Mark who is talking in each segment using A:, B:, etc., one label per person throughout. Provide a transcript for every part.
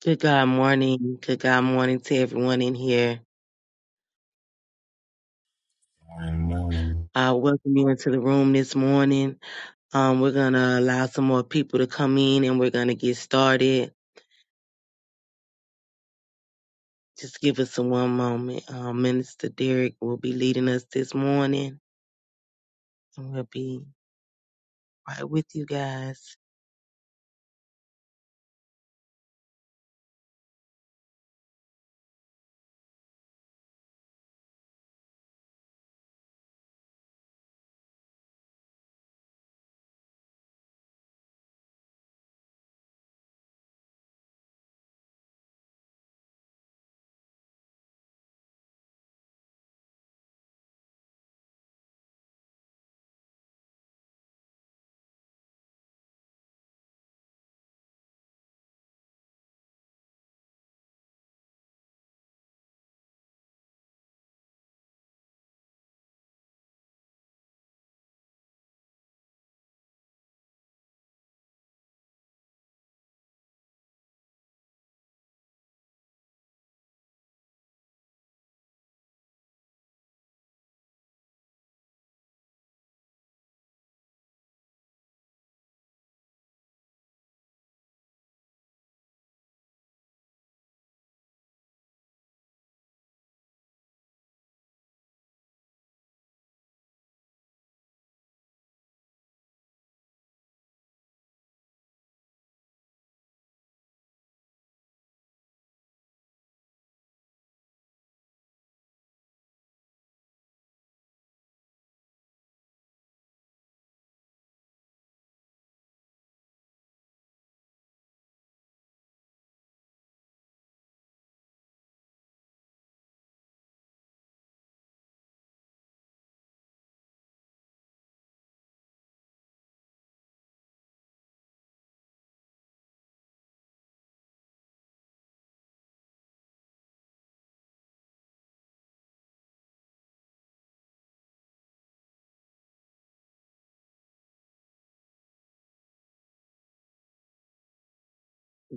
A: Good God morning. Good God morning to everyone in here.
B: Good morning.
A: I welcome you into the room this morning. Um, we're going to allow some more people to come in and we're going to get started. Just give us a one moment. Um, Minister Derek will be leading us this morning and we'll be right with you guys.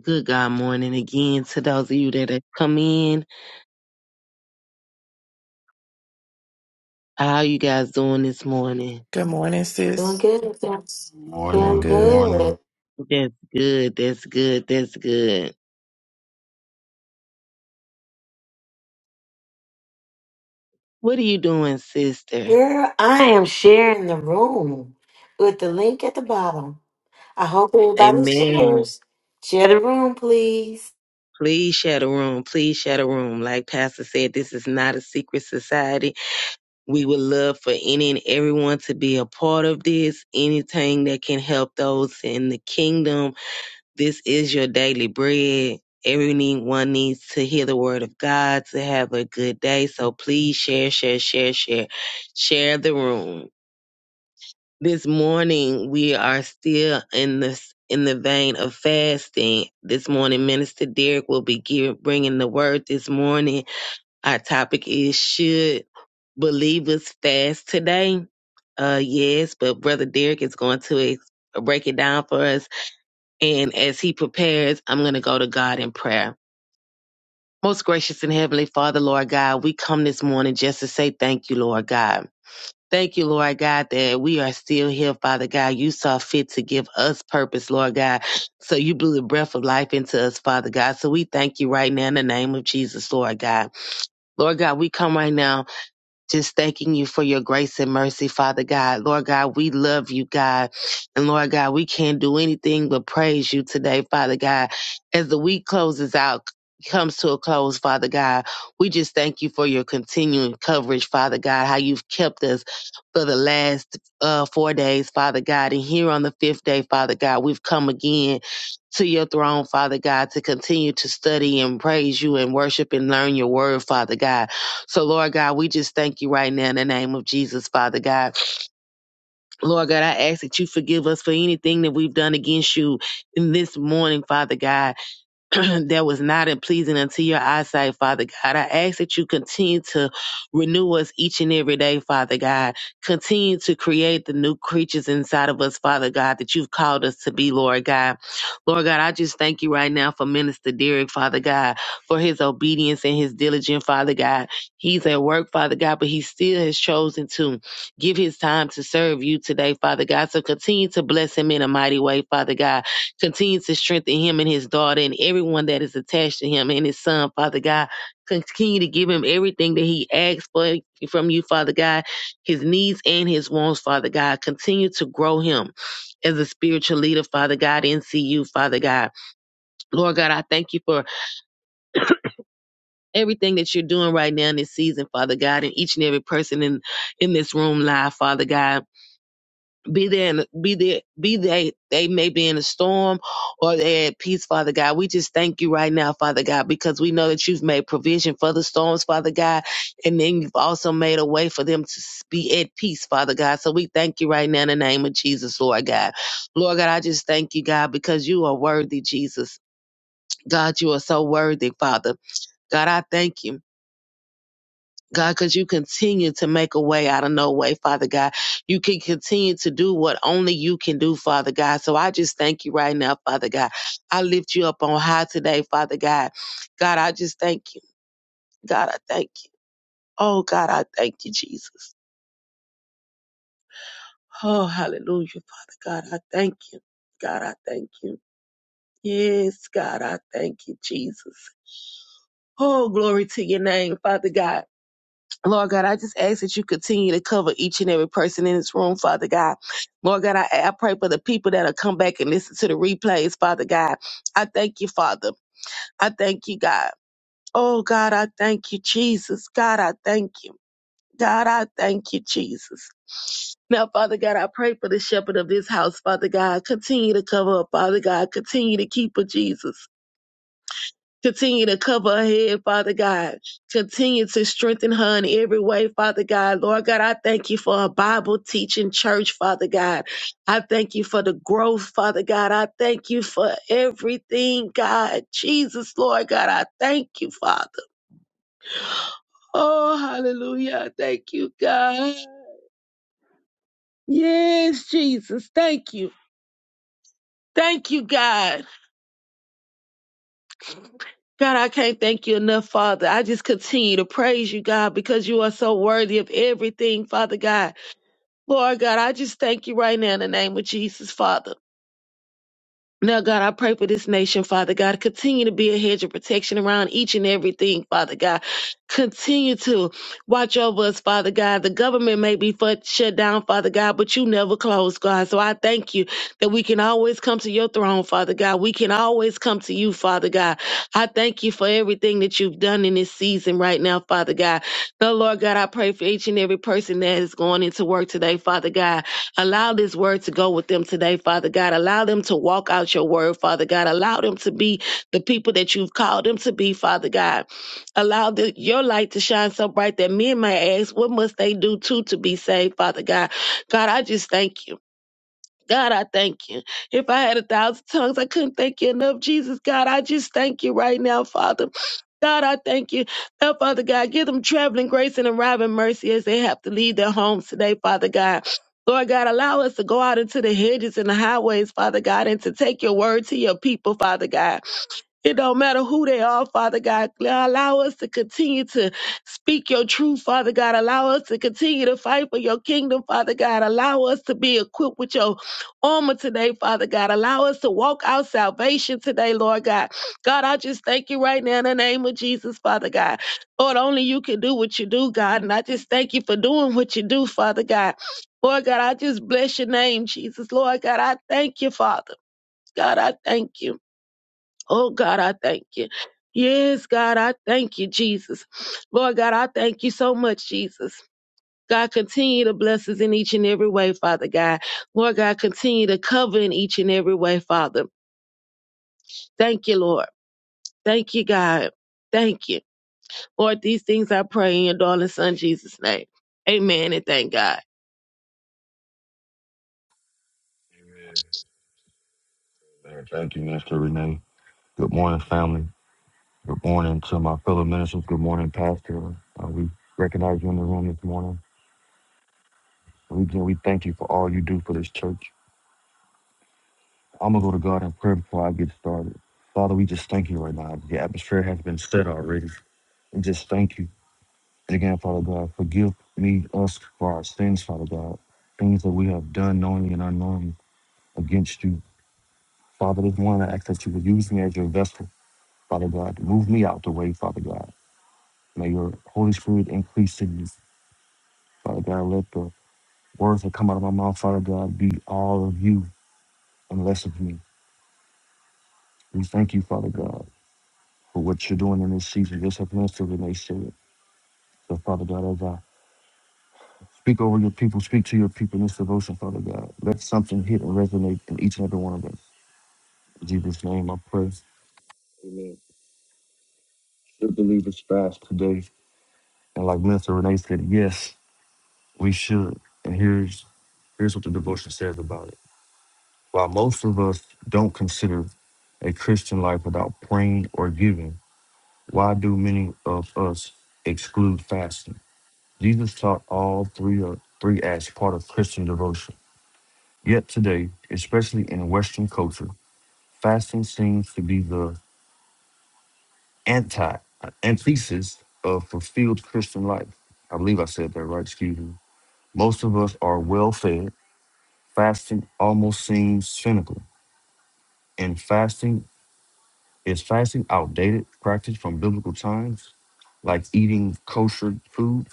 A: Good God morning again to those of you that have come in. How you guys doing this morning?
C: Good morning,
D: Doing
C: sis.
D: good. Thanks.
B: Good
C: Doing
B: morning.
D: Doing
B: Good
C: good.
B: morning.
D: good.
A: That's good. That's good. That's good. What are you doing, sister?
D: Girl, I am sharing the room with the link at the bottom. I hope everybody
A: Amen.
D: shares. Share the room, please.
A: Please share the room. Please share the room. Like Pastor said, this is not a secret society. We would love for any and everyone to be a part of this. Anything that can help those in the kingdom. This is your daily bread. Everyone needs to hear the word of God to have a good day. So please share, share, share, share. Share the room this morning we are still in this in the vein of fasting this morning minister derek will be give, bringing the word this morning our topic is should believers fast today uh yes but brother derek is going to ex- break it down for us and as he prepares i'm going to go to god in prayer most gracious and heavenly father lord god we come this morning just to say thank you lord god Thank you, Lord God, that we are still here, Father God. You saw fit to give us purpose, Lord God. So you blew the breath of life into us, Father God. So we thank you right now in the name of Jesus, Lord God. Lord God, we come right now just thanking you for your grace and mercy, Father God. Lord God, we love you, God. And Lord God, we can't do anything but praise you today, Father God. As the week closes out, comes to a close, Father God, we just thank you for your continuing coverage, Father God, how you've kept us for the last uh, four days, Father God. And here on the fifth day, Father God, we've come again to your throne, Father God, to continue to study and praise you and worship and learn your word, Father God. So, Lord God, we just thank you right now in the name of Jesus, Father God. Lord God, I ask that you forgive us for anything that we've done against you in this morning, Father God. that was not in pleasing unto your eyesight, Father God. I ask that you continue to renew us each and every day, Father God. Continue to create the new creatures inside of us, Father God, that you've called us to be, Lord God. Lord God, I just thank you right now for Minister Derek, Father God, for his obedience and his diligence, Father God. He's at work, Father God, but he still has chosen to give his time to serve you today, Father God. So continue to bless him in a mighty way, Father God continues to strengthen him and his daughter and everyone that is attached to him and his son, Father God. Continue to give him everything that he asks for from you, Father God, his needs and his wants, Father God. Continue to grow him as a spiritual leader, Father God, and see you, Father God. Lord God, I thank you for everything that you're doing right now in this season, Father God, and each and every person in, in this room live, Father God. be there and be there be they they may be in a storm or they're at peace father god we just thank you right now father god because we know that you've made provision for the storms father god and then you've also made a way for them to be at peace father god so we thank you right now in the name of jesus lord god lord god i just thank you god because you are worthy jesus god you are so worthy father god i thank you God, because you continue to make a way out of no way, Father God. You can continue to do what only you can do, Father God. So I just thank you right now, Father God. I lift you up on high today, Father God. God, I just thank you. God, I thank you. Oh, God, I thank you, Jesus. Oh, hallelujah, Father God. I thank you. God, I thank you. Yes, God, I thank you, Jesus. Oh, glory to your name, Father God. Lord God, I just ask that you continue to cover each and every person in this room, Father God. Lord God, I, I pray for the people that'll come back and listen to the replays, Father God. I thank you, Father. I thank you, God. Oh, God, I thank you, Jesus. God, I thank you. God, I thank you, Jesus. Now, Father God, I pray for the shepherd of this house, Father God. Continue to cover up, Father God. Continue to keep her, Jesus. Continue to cover her head, Father God. Continue to strengthen her in every way, Father God. Lord God, I thank you for a Bible teaching church, Father God. I thank you for the growth, Father God. I thank you for everything, God. Jesus, Lord God, I thank you, Father. Oh, hallelujah. Thank you, God. Yes, Jesus. Thank you. Thank you, God. God, I can't thank you enough, Father. I just continue to praise you, God, because you are so worthy of everything, Father God. Lord God, I just thank you right now in the name of Jesus, Father. Now, God, I pray for this nation, Father God. Continue to be a hedge of protection around each and everything, Father God. Continue to watch over us, Father God. The government may be fu- shut down, Father God, but you never close, God. So I thank you that we can always come to your throne, Father God. We can always come to you, Father God. I thank you for everything that you've done in this season right now, Father God. Now, Lord God, I pray for each and every person that is going into work today, Father God. Allow this word to go with them today, Father God. Allow them to walk out your word, Father God. Allow them to be the people that you've called them to be, Father God. Allow the, your light to shine so bright that men may ask, what must they do too to be saved, Father God? God, I just thank you. God, I thank you. If I had a thousand tongues, I couldn't thank you enough. Jesus, God, I just thank you right now, Father. God, I thank you. Oh, Father God, give them traveling grace and arriving mercy as they have to leave their homes today, Father God. Lord God, allow us to go out into the hedges and the highways, Father God, and to take your word to your people, Father God. It don't matter who they are, Father God. Allow us to continue to speak your truth, Father God. Allow us to continue to fight for your kingdom, Father God. Allow us to be equipped with your armor today, Father God. Allow us to walk out salvation today, Lord God. God, I just thank you right now in the name of Jesus, Father God. Lord, only you can do what you do, God. And I just thank you for doing what you do, Father God. Lord God, I just bless your name, Jesus. Lord God, I thank you, Father. God, I thank you. Oh God, I thank you. Yes, God, I thank you, Jesus. Lord God, I thank you so much, Jesus. God, continue to bless us in each and every way, Father God. Lord God, continue to cover in each and every way, Father. Thank you, Lord. Thank you, God. Thank you. Lord, these things I pray in your darling son, Jesus' name. Amen and thank God.
B: Uh, Thank you, Mr. Renee. Good morning, family. Good morning to my fellow ministers. Good morning, Pastor. Uh, we recognize you in the room this morning. We again, we thank you for all you do for this church. I'm gonna go to God in prayer before I get started. Father, we just thank you right now. The atmosphere has been set already. We just thank you. And again, Father God, forgive me, us for our sins, Father God. Things that we have done knowingly and unknowingly against you. Father, this morning I ask that you would use me as your vessel. Father God. Move me out the way, Father God. May your Holy Spirit increase in me, Father God. Let the words that come out of my mouth, Father God, be all of you and less of me. We thank you, Father God, for what you're doing in this season. Just have plans to relate to it. So, Father God, as I speak over your people, speak to your people in this devotion, Father God. Let something hit and resonate in each and every one of us. In Jesus' name, I pray. Amen. Should believers fast today. And like Minister Renee said, yes. We should. And here's here's what the devotion says about it. While most of us don't consider a Christian life without praying or giving, why do many of us exclude fasting? Jesus taught all three of three as part of Christian devotion. Yet today, especially in Western culture, fasting seems to be the anti antithesis of fulfilled Christian life. I believe I said that right, excuse me. Most of us are well fed Fasting almost seems cynical. And fasting is fasting outdated practice from biblical times, like eating kosher food.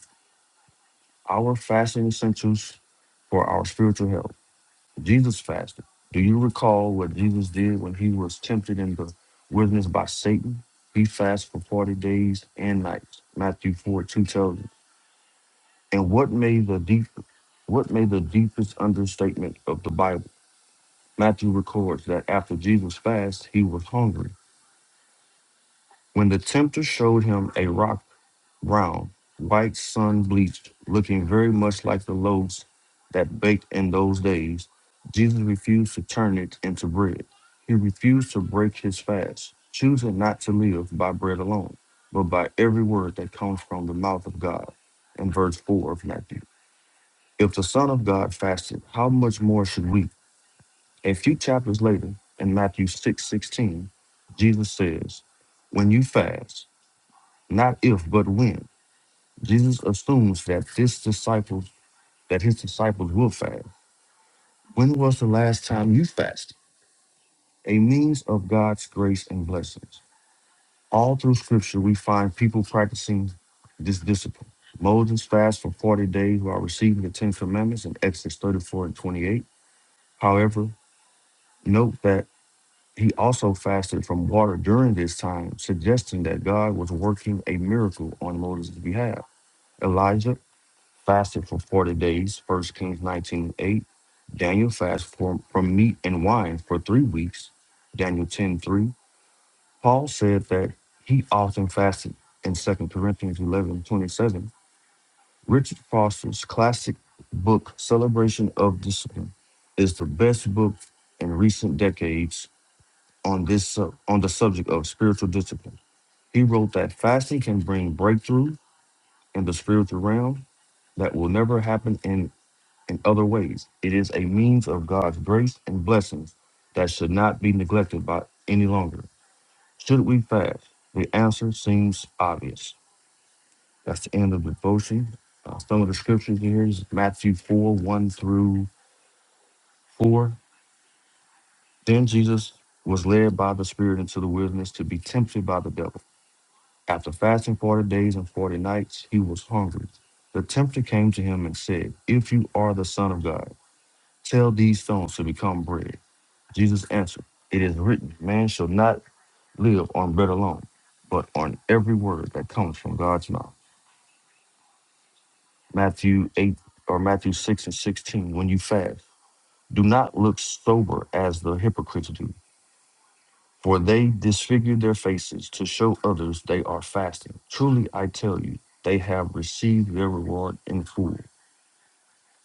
B: Our fasting essentials for our spiritual health. Jesus fasted. Do you recall what Jesus did when he was tempted in the wilderness by Satan? He fasted for 40 days and nights. Matthew 4 2 tells us. And what made the deep what made the deepest understatement of the Bible? Matthew records that after Jesus fast, he was hungry. When the tempter showed him a rock brown, white sun bleached, looking very much like the loaves that baked in those days, Jesus refused to turn it into bread. He refused to break his fast, choosing not to live by bread alone, but by every word that comes from the mouth of God. In verse 4 of Matthew. If the Son of God fasted, how much more should we? A few chapters later, in Matthew six sixteen, Jesus says, When you fast, not if but when. Jesus assumes that this disciples that his disciples will fast. When was the last time you fasted? A means of God's grace and blessings. All through scripture we find people practicing this discipline. Moses fasted for 40 days while receiving the Ten Commandments in Exodus 34 and 28. However, note that He also fasted from water during this time, suggesting that God was working a miracle on Moses' behalf. Elijah fasted for 40 days, First Kings 19 8. Daniel fasted for, from meat and wine for three weeks, Daniel 10 3. Paul said that he often fasted in 2 Corinthians 11 27. Richard Foster's classic book, Celebration of Discipline, is the best book in recent decades on this sub- on the subject of spiritual discipline. He wrote that fasting can bring breakthrough in the spiritual realm that will never happen in in other ways. It is a means of God's grace and blessings that should not be neglected by any longer. Should we fast? The answer seems obvious. That's the end of the devotion. Uh, some of the scriptures here is Matthew 4 1 through 4. Then Jesus was led by the Spirit into the wilderness to be tempted by the devil. After fasting forty days and forty nights, he was hungry. The tempter came to him and said, If you are the Son of God, tell these stones to become bread. Jesus answered, It is written, Man shall not live on bread alone, but on every word that comes from God's mouth. Matthew 8 or Matthew 6 and 16, when you fast, do not look sober as the hypocrites do for they disfigure their faces to show others they are fasting. Truly I tell you, they have received their reward in full.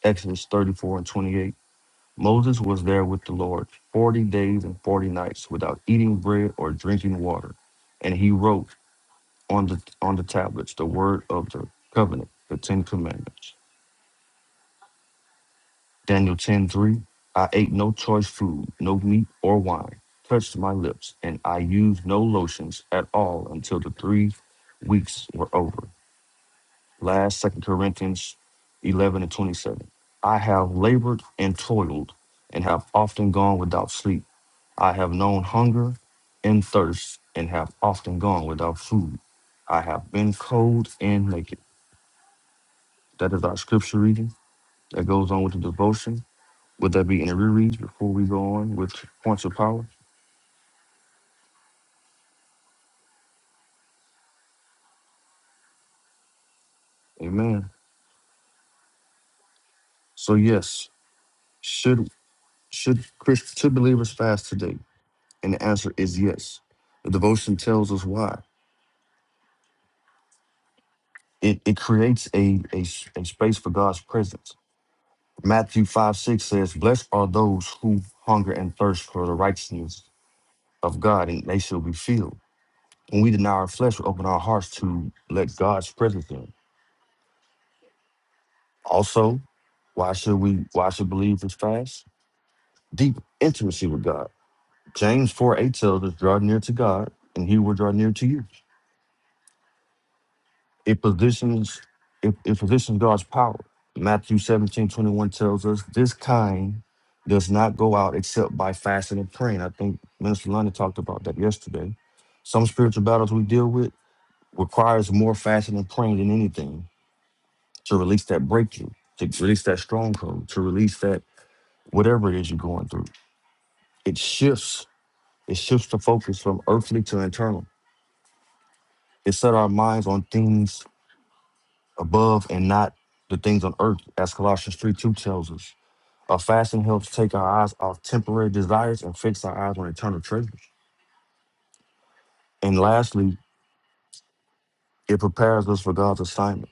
B: Exodus 34 and 28. Moses was there with the Lord 40 days and 40 nights without eating bread or drinking water. And he wrote on the on the tablets the word of the covenant, the Ten Commandments. Daniel 10 3. I ate no choice food, no meat or wine, touched my lips, and I used no lotions at all until the three weeks were over. Last Second Corinthians 11 and 27. I have labored and toiled and have often gone without sleep. I have known hunger and thirst and have often gone without food. I have been cold and naked. That is our scripture reading that goes on with the devotion. Would that be any rereads before we go on with points of power? Amen. So yes, should should Chris should believers fast today? And the answer is yes. The devotion tells us why. It it creates a a, s- a space for God's presence. Matthew five six says, "Blessed are those who hunger and thirst for the righteousness of God, and they shall be filled." When we deny our flesh, we open our hearts to let God's presence in. Also, why should we? Why should believers fast? deep intimacy with God. James 4 8 tells us, draw near to God, and he will draw near to you. It positions it, it positions God's power. Matthew 17 21 tells us, this kind does not go out except by fasting and praying. I think Minister London talked about that yesterday. Some spiritual battles we deal with requires more fasting and praying than anything to release that breakthrough, to release that stronghold, to release that whatever it is you're going through. It shifts It shifts the focus from earthly to internal. It set our minds on things above and not the things on earth, as Colossians 3 2 tells us. Our fasting helps take our eyes off temporary desires and fix our eyes on eternal treasures. And lastly, it prepares us for God's assignment.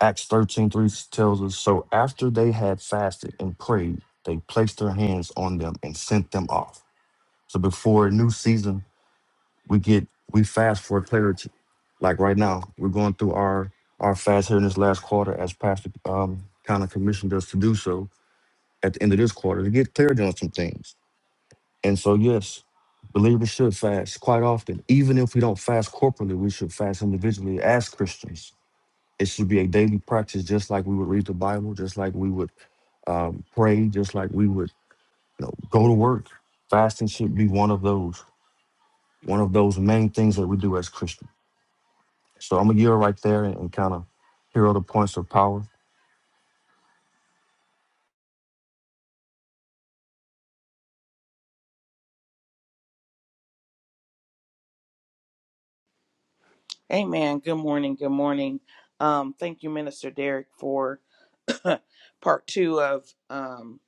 B: Acts thirteen three tells us So after they had fasted and prayed, they placed their hands on them and sent them off. So before a new season we get we fast for clarity. Like right now, we're going through our our fast here in this last quarter, as Pastor um, kind of commissioned us to do so at the end of this quarter to get clarity on some things. And so, yes, believers should fast quite often. Even if we don't fast corporately, we should fast individually as Christians. It should be a daily practice, just like we would read the Bible, just like we would um, pray, just like we would you know, go to work. Fasting should be one of those one of those main things that we do as Christians. So I'm gonna yield right there and, and kind of hero the points of power.
E: Amen. Good morning. Good morning. Um, thank you, Minister Derek, for part two of um,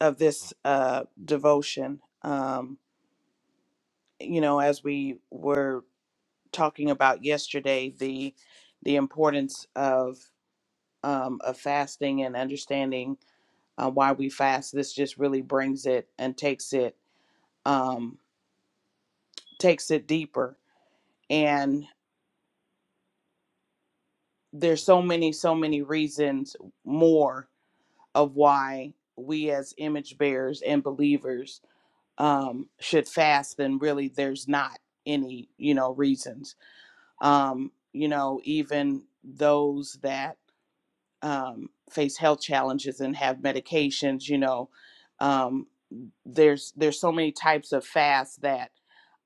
E: of this uh, devotion. Um, you know, as we were talking about yesterday, the the importance of um, of fasting and understanding uh, why we fast. This just really brings it and takes it um, takes it deeper. And there's so many, so many reasons more of why we as image bearers and believers um, should fast then really there's not any you know reasons um, you know even those that um, face health challenges and have medications you know um, there's there's so many types of fasts that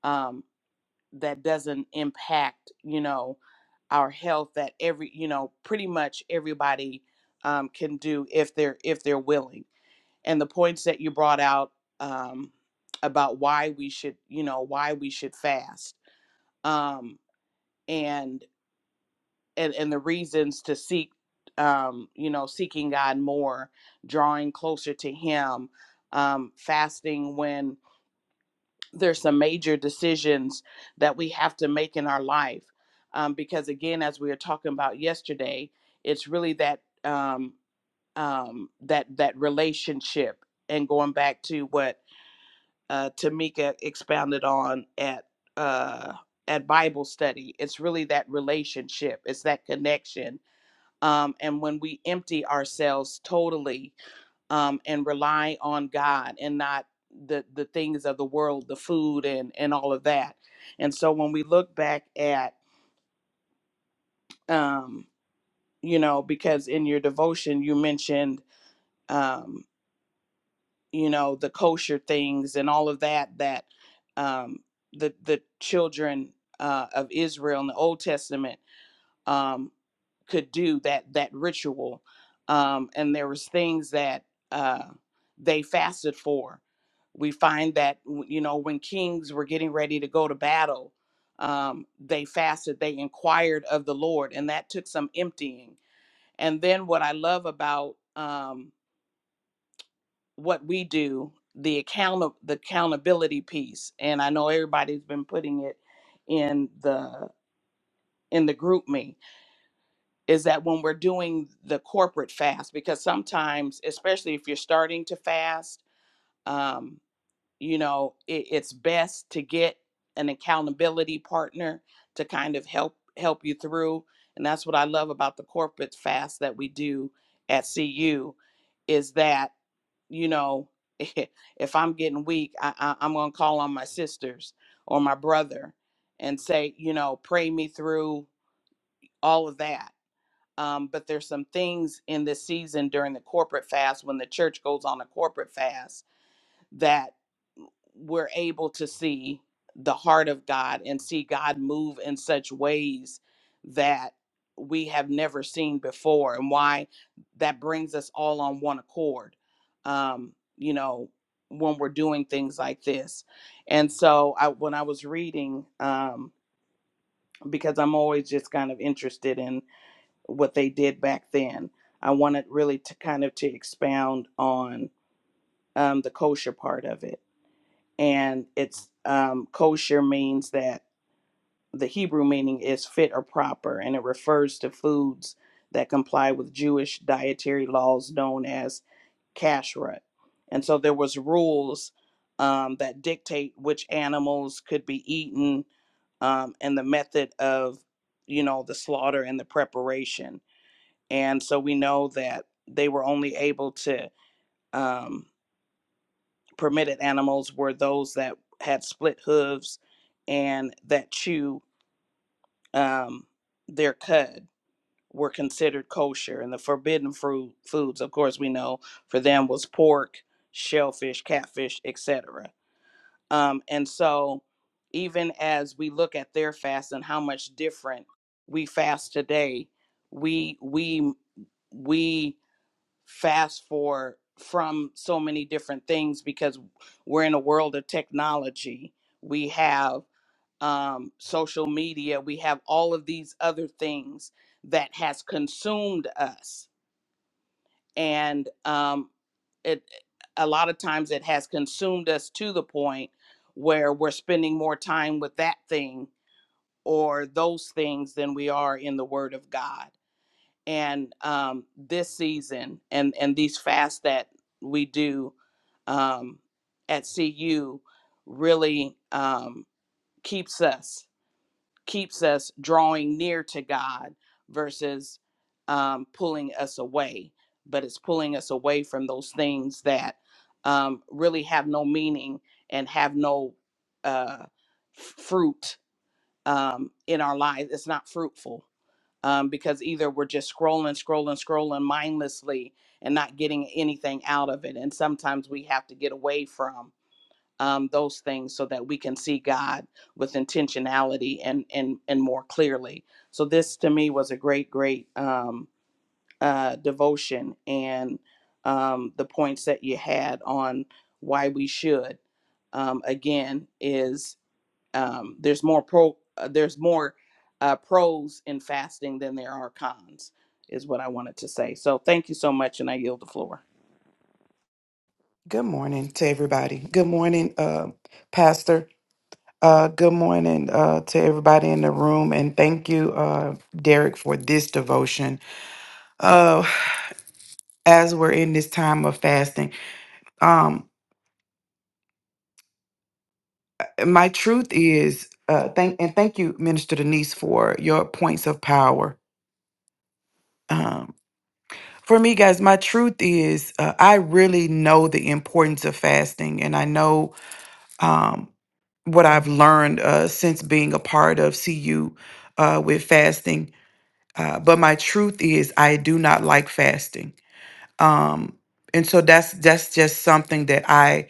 E: um, that doesn't impact you know our health that every you know pretty much everybody um, can do if they're if they're willing and the points that you brought out um, about why we should, you know, why we should fast, um, and and and the reasons to seek, um, you know, seeking God more, drawing closer to Him, um, fasting when there's some major decisions that we have to make in our life, um, because again, as we were talking about yesterday, it's really that um, um, that that relationship, and going back to what uh, Tamika expounded on at uh, at Bible study. It's really that relationship. It's that connection. Um, and when we empty ourselves totally um, and rely on God and not the the things of the world, the food and and all of that. And so when we look back at um, you know, because in your devotion you mentioned um, you know the kosher things and all of that that um, the the children uh, of Israel in the Old Testament um, could do that that ritual, um, and there was things that uh, they fasted for. We find that you know when kings were getting ready to go to battle, um, they fasted. They inquired of the Lord, and that took some emptying. And then what I love about um, what we do the account the accountability piece and i know everybody's been putting it in the in the group me is that when we're doing the corporate fast because sometimes especially if you're starting to fast um, you know it, it's best to get an accountability partner to kind of help help you through and that's what i love about the corporate fast that we do at cu is that you know, if I'm getting weak, I, I, I'm going to call on my sisters or my brother and say, you know, pray me through all of that. Um, but there's some things in this season during the corporate fast when the church goes on a corporate fast that we're able to see the heart of God and see God move in such ways that we have never seen before, and why that brings us all on one accord, um, you know, when we're doing things like this. And so, I, when I was reading, um, because I'm always just kind of interested in what they did back then, I wanted really to kind of to expound on um, the kosher part of it and it's um, kosher means that the Hebrew meaning is fit or proper, and it refers to foods that comply with Jewish dietary laws known as kashrut. And so there was rules um, that dictate which animals could be eaten um, and the method of, you know, the slaughter and the preparation. And so we know that they were only able to. Um, permitted animals were those that had split hooves and that chew um, their cud were considered kosher. And the forbidden fruit foods, of course, we know for them was pork, shellfish, catfish, etc. Um, and so, even as we look at their fast and how much different we fast today, we we we fast for from so many different things because we're in a world of technology. We have um, social media. We have all of these other things that has consumed us, and um, it a lot of times it has consumed us to the point where we're spending more time with that thing or those things than we are in the Word of God and um, this season and and these fasts that we do um, at CU really um, keeps us keeps us drawing near to God versus um, pulling us away. But it's pulling us away from those things that um, really have no meaning and have no uh, fruit um, in our lives. It's not fruitful um, because either we're just scrolling, scrolling, scrolling mindlessly and not getting anything out of it. And sometimes we have to get away from um, those things so that we can see God with intentionality and and and more clearly. So this to me was a great, great um, uh, devotion and um, the points that you had on why we should um, again is um, there's more pro uh, there's more uh, pros in fasting than there are cons is what i wanted to say so thank you so much and i yield the floor
C: Good morning to everybody. Good morning, uh, Pastor. Uh, good morning uh, to everybody in the room, and thank you, uh, Derek, for this devotion. Uh, as we're in this time of fasting, um, my truth is, uh, thank and thank you, Minister Denise, for your points of power. Um, for me, guys, my truth is, uh, I really know the importance of fasting, and I know. Um, what I've learned uh, since being a part of CU uh, with fasting. Uh, but my truth is, I do not like fasting, um, and so that's that's just something that I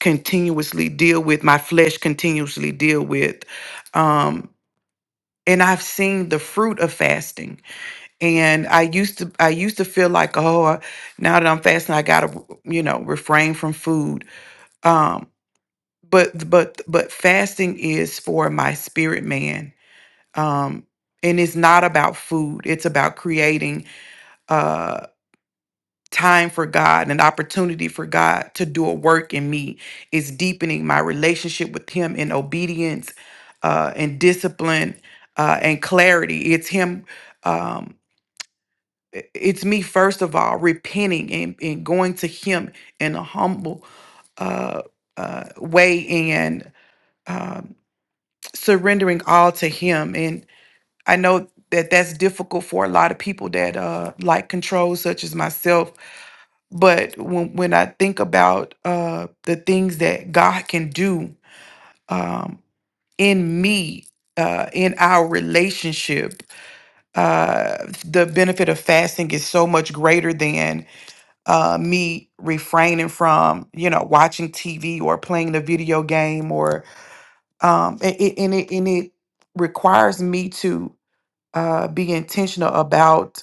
C: continuously deal with. My flesh continuously deal with, um, and I've seen the fruit of fasting. And I used to I used to feel like, oh, I- now that I'm fasting, I gotta you know refrain from food. Um, but but but fasting is for my spirit man um and it's not about food it's about creating uh time for god an opportunity for god to do a work in me it's deepening my relationship with him in obedience uh and discipline uh and clarity it's him um i- it's me first of all repenting and, and going to him in a humble uh uh way and um surrendering all to him and i know that that's difficult for a lot of people that uh like control such as myself but when when i think about uh the things that god can do um in me uh in our relationship uh the benefit of fasting is so much greater than uh me refraining from you know watching tv or playing a video game or um and, and it and it requires me to uh, be intentional about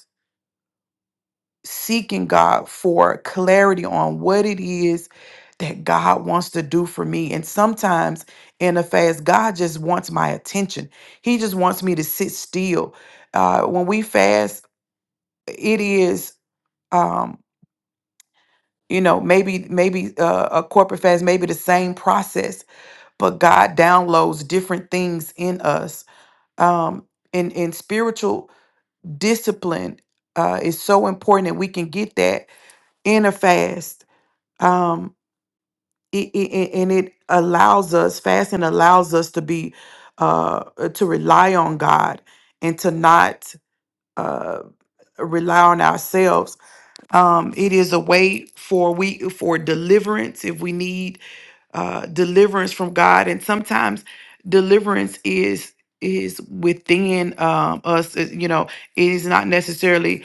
C: seeking God for clarity on what it is that God wants to do for me. And sometimes in a fast, God just wants my attention. He just wants me to sit still. Uh, when we fast, it is, um, you know, maybe maybe uh, a corporate fast, maybe the same process, but God downloads different things in us. Um, in in spiritual discipline uh, is so important and we can get that in a fast um, it, it, and it allows us fasting allows us to be uh, to rely on god and to not uh, rely on ourselves um, it is a way for we for deliverance if we need uh, deliverance from god and sometimes deliverance is is within um, us It- you know it is not necessarily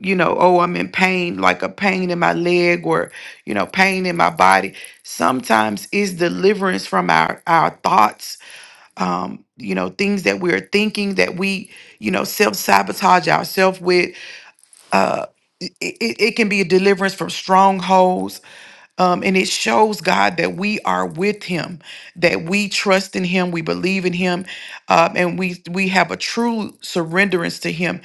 C: you know, oh, I'm in pain, like a pain in my leg or, you know, pain in my body. Sometimes it's deliverance from our, our thoughts, um, you know, things that we're thinking that we, you know, self sabotage ourselves with. Uh, it, it it can be a deliverance from strongholds. Um, and it shows God that we are with Him, that we trust in Him, we believe in Him, um, and we we have a true surrenderance to Him.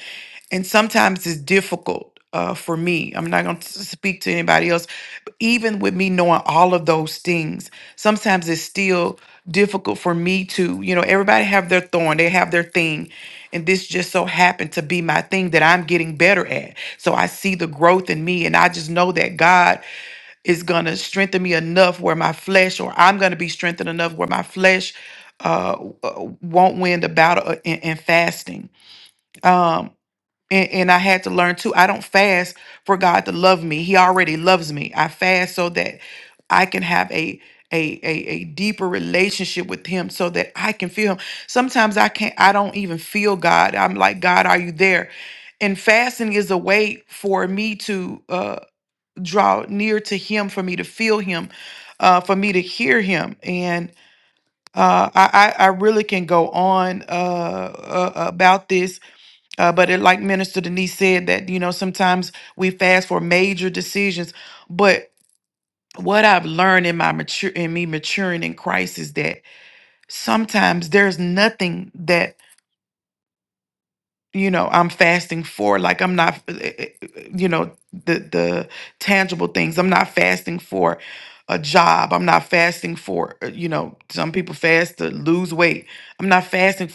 C: And sometimes it's difficult uh, for me. I'm not going to speak to anybody else. But even with me knowing all of those things, sometimes it's still difficult for me to, you know, everybody have their thorn, they have their thing, and this just so happened to be my thing that I'm getting better at. So I see the growth in me, and I just know that God is going to strengthen me enough where my flesh, or I'm going to be strengthened enough where my flesh uh, w- uh, won't win the battle uh, in, in fasting. Um, and, and I had to learn too, I don't fast for God to love me. He already loves me. I fast so that I can have a a, a, a deeper relationship with him so that I can feel him. Sometimes I can't I don't even feel God. I'm like, God, are you there? And fasting is a way for me to uh draw near to him for me to feel him uh, for me to hear him and uh, I, I I really can go on uh, uh, about this, uh, but it, like Minister Denise said, that you know sometimes we fast for major decisions. But what I've learned in my mature in me maturing in Christ is that sometimes there's nothing that you know i'm fasting for like i'm not eh, eh, eh, you know the the tangible things i'm not fasting for a job i'm not fasting for uh, you know some people fast to lose weight i'm not fasting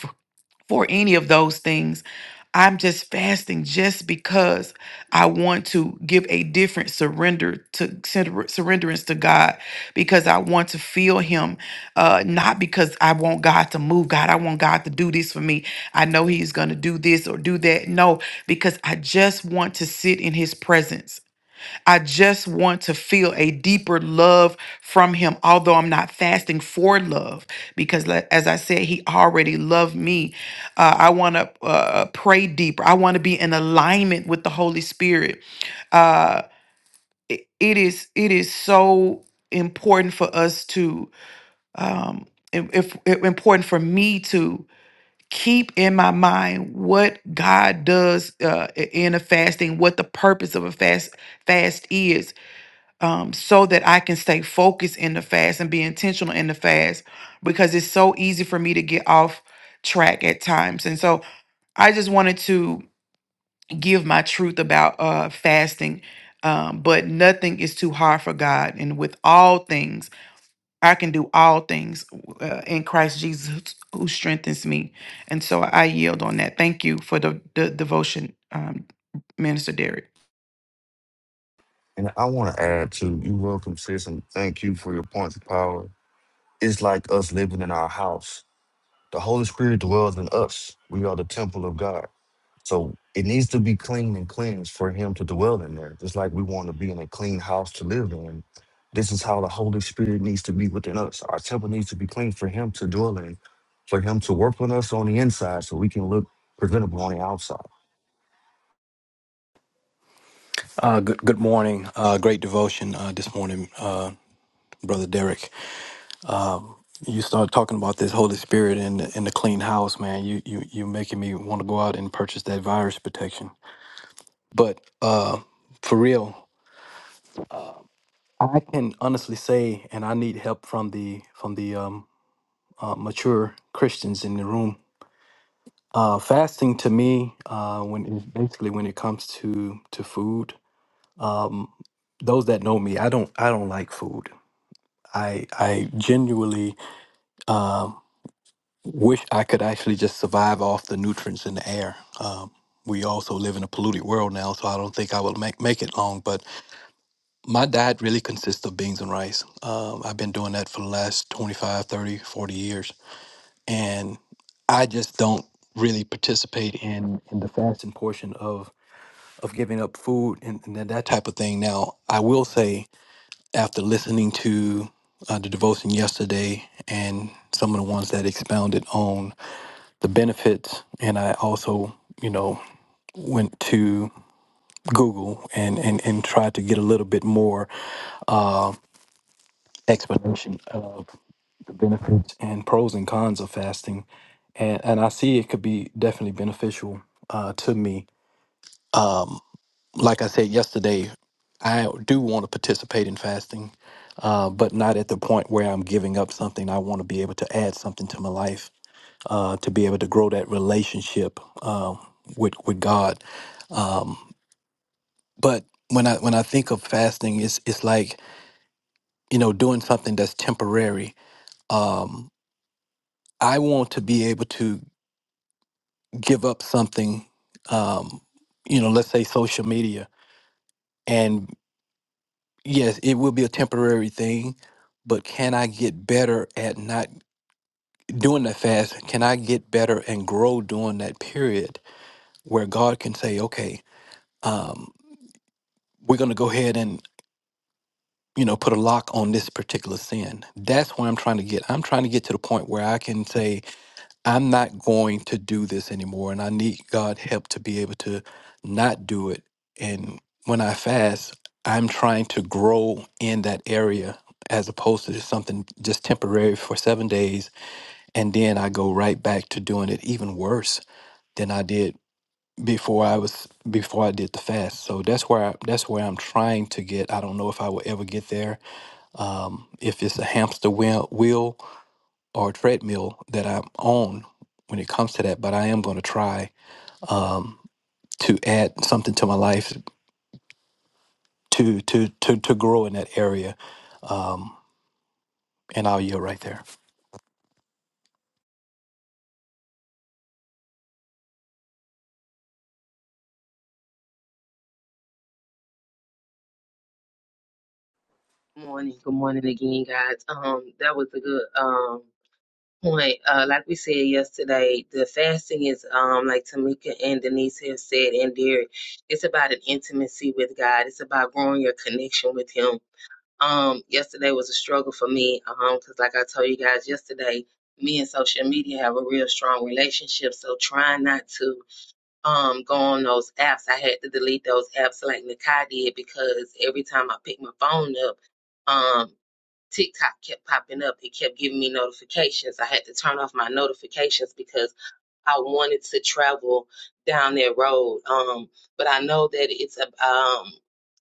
C: for any of those things. I'm just fasting just because I want to give a different surrender to surrender- surrenderance to God because I want to feel Him, uh, not because I want God to move. God, I want God to do this for me. I know He's going to do this or do that. No, because I just want to sit in His presence. I just want to feel a deeper love from him, although I'm not fasting for love, because le- as I said, he already loved me. Uh, I want to uh, pray deeper. I want to be in alignment with the Holy Spirit. Uh, it it is it is so important for us to um, im- if, if important for me to keep in my mind what God does uh, in a fasting, what the purpose of a fast fast is um, so that I can stay focused in the fast and be intentional in the fast because it's so easy for me to get off track at times. And so I just wanted to give my truth about uh, fasting. Um, but nothing is too hard for God. And with all things, I can do all things uh, in Christ Jesus who strengthens me. And so I yield on that. Thank you for the, the devotion, um, Minister Derek.
B: And I want to add to you, welcome, sis, and thank you for your points of power. It's like us living in our house. The Holy Spirit dwells in us. We are the temple of God. So it needs to be clean and cleansed for Him to dwell in there. Just like we want to be in a clean house to live in. This is how the Holy Spirit needs to be within us. Our temple needs to be clean for Him to dwell in, for Him to work on us on the inside so we can look presentable on the outside.
F: Uh, good, good morning. Uh, great devotion uh, this morning, uh, brother Derek. You started talking about this Holy Spirit and the, and the clean house, man. You you you making me want to go out and purchase that virus protection. But uh, for real, I can honestly say, and I need help from the from the um, uh, mature Christians in the room. Uh, fasting to me, uh, when it, basically when it comes to to food, um, those that know me, I don't I don't like food. I I genuinely Um, wish I could actually just survive off the nutrients in the air. Um, we also live in a polluted world now, so I don't think I will make, make it long. But my diet really consists of beans and rice. Um, I've been doing that for the last 25, 30, 40 years. And I just don't really participate in, in the fasting portion of, of giving up food and, and that that type of thing. Now, I will say, after listening to uh, the devotion yesterday and some of the ones that expounded on the benefits and i also you know went to google and and, and tried to get a little bit more explanation of the benefits and pros and cons of fasting and and i see it could be definitely beneficial uh, to me like i said yesterday i do want to participate in fasting uh, but not at the point where i'm giving up something i want to be able to add something to my life uh, to be able to grow that relationship uh, with with god Um, but when I when I think of fasting, it's it's like you know doing something that's temporary. Um, I want to be able to give up something, um, you know, let's say social media, and yes, it will be a temporary thing. But can I get better at not doing that fast? Can I get better and grow during that period where God can say, okay, um, we're going to go ahead you know, put a lock on this particular sin. That's where I'm trying to get. I'm trying to get to the point where I can say, I'm not going to do this anymore. And I need God help to be able to not do it. And when I fast, I'm trying to grow in that area as opposed to just something just temporary for seven days. And then I go right back to doing it even worse than I did before I was before I did the fast. So that's where I, that's where I'm trying to get. I don't know if I will ever get there um, if it's a hamster wheel, wheel or treadmill that I'm on when it comes to that. But I am going to try um, to add something to my life to to to to grow in that area. Um, and I'll yield right there.
A: Good morning. Good morning again, guys. Um, that was a good. um. point, uh, like we said yesterday, the fasting is, um, like Tamika and Denise have said, and Derek, it's about an intimacy with God. It's about growing your connection with Him. Um, yesterday was a struggle for me, um, because like I told you guys yesterday, me and social media have a real strong relationship. So trying not to, um, go on those apps, I had to delete those apps like Nakai did because every time I pick my phone up. um. TikTok kept popping up. It kept giving me notifications. I had to turn off my notifications because I wanted to travel down that road. Um, but I know that it's a um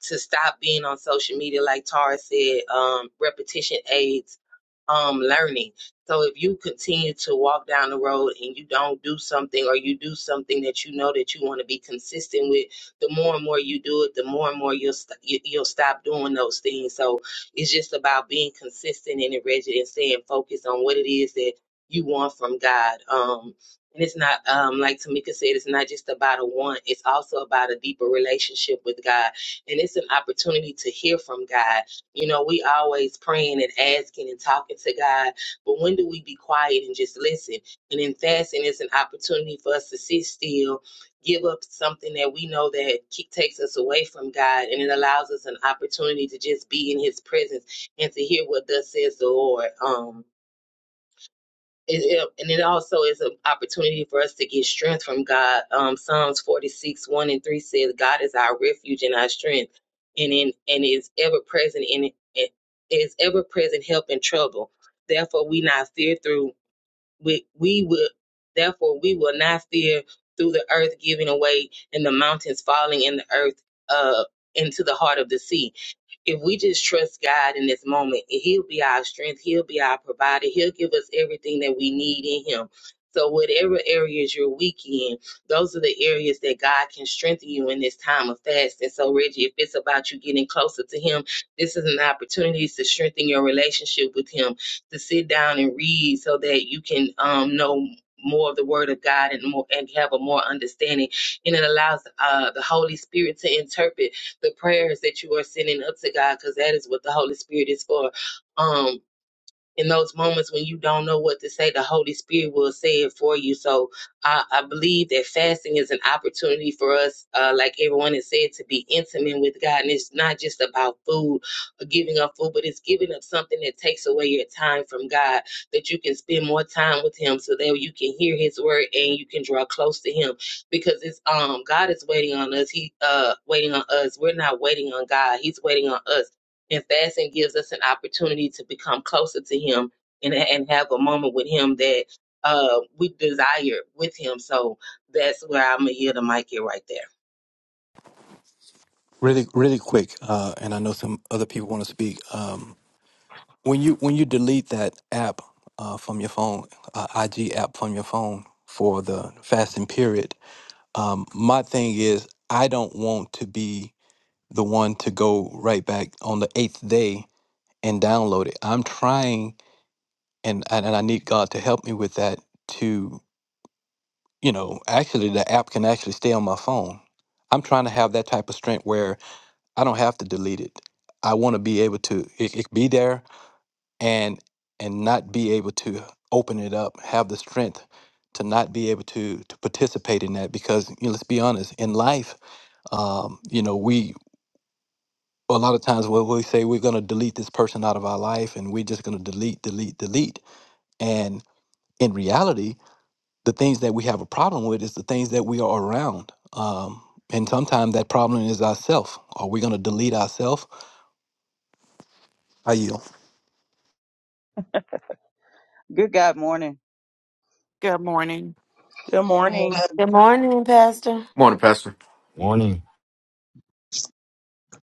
A: to stop being on social media, like Tara said, um, repetition aids um, learning. So if you continue to walk down the road and you don't do something or you do something that you know that you want to be consistent with, the more and more you do it, the more and more you'll st- you- you'll stop doing those things. So it's just about being consistent in the rigid and staying focused on what it is that you want from God. Um, and it's not um, like Tamika said, it's not just about a want. It's also about a deeper relationship with God and it's an opportunity to hear from God. You know, we always praying and asking and talking to God, but when do we be quiet and just listen? And in fasting, it's an opportunity for us to sit still, give up something that we know that ke- takes us away from God, and it allows us an opportunity to just be in His presence and to hear what thus says the Lord. Um, it, it- and it also is an opportunity for us to get strength from God. Um, Psalms 46, 1 and 3 says, God is our refuge and our strength, and in and is ever present in it is ever present help in trouble. Therefore we not fear through we we will therefore we will not fear through the earth giving away and the mountains falling in the earth uh into the heart of the sea if we just trust God in this moment, He'll be our strength, He'll be our provider, He'll give us everything that we need in Him. So, whatever areas you're weak in, those are the areas that God can strengthen you in this time of fasting. so, Reggie, if it's about you getting closer to Him, this is an opportunity to strengthen your relationship with Him, to sit down and read so that you can um, know more of the Word of God and more and have a more understanding. And it allows uh, the Holy Spirit to interpret the prayers that you are sending up to God, because that is what the Holy Spirit is for. Um, in those moments when you don't know what to say, the Holy Spirit will say it for you. So I, I believe that fasting is an opportunity for us, uh, like everyone has said, to be intimate with God. And it's not just about food or giving up food, but it's giving up something that takes away your time from God, that you can spend more time with Him so that you can hear His word and you can draw close to Him. Because it's um God is waiting on us. He uh waiting on us. We're not waiting on God. He's waiting on us. And fasting gives us an opportunity to become closer to Him and and have a moment with Him that uh, we desire with Him. So that's where I'm gonna yield the mic here right there.
F: Really, really quick. Uh, and I know some other people want to speak. Um, when you when you delete that app uh, from your phone, uh, IG app from your phone for the fasting period, um, my thing is I don't want to be the one to go right back on the eighth day and download it. I'm trying, and and, and I need God to help me with that. To you know, actually, the app can actually stay on my phone. I'm trying to have that type of strength where I don't have to delete it. I want to be able to it, it be there and and not be able to open it up. Have the strength to not be able to to participate in that because you know, let's be honest, in life, um, you know, we a lot of times we we say we're going to delete this person out of our life and we're just going to delete delete delete and in reality the things that we have a problem with is the things that we are around um, and sometimes that problem is ourself are we going to delete ourself are you
G: Good God morning.
C: Good morning.
E: good
A: Good
E: morning
A: morning.
D: Good morning, Pastor.
H: Morning, Pastor.
B: Morning.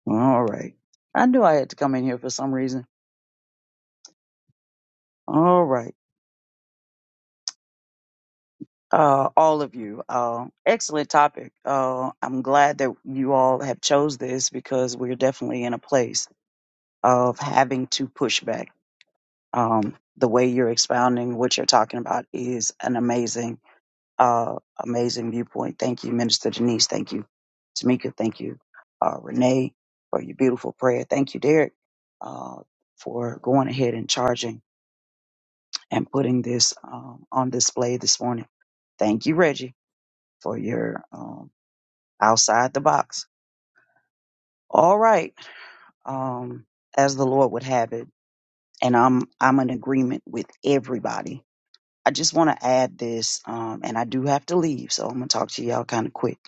G: All right. I knew I had to come in here for some reason. All right. Uh, all of you. Uh, excellent topic. Uh, I'm glad that you all have chose this because we're definitely in a place of having to push back. Um, the way you're expounding what you're talking about is an amazing, uh, amazing viewpoint. Thank you, Minister Denise. Thank you, Tamika. Thank you, uh, Renee, for your beautiful prayer. Thank you, Derek, uh, for going ahead and charging. and putting this um, on display this morning. Thank you, Reggie, for your um, outside the box. All right, um, as the Lord would have it, and I'm I'm in agreement with everybody. I just want to add this, um, and I do have to leave, so I'm gonna talk to y'all kind of quick.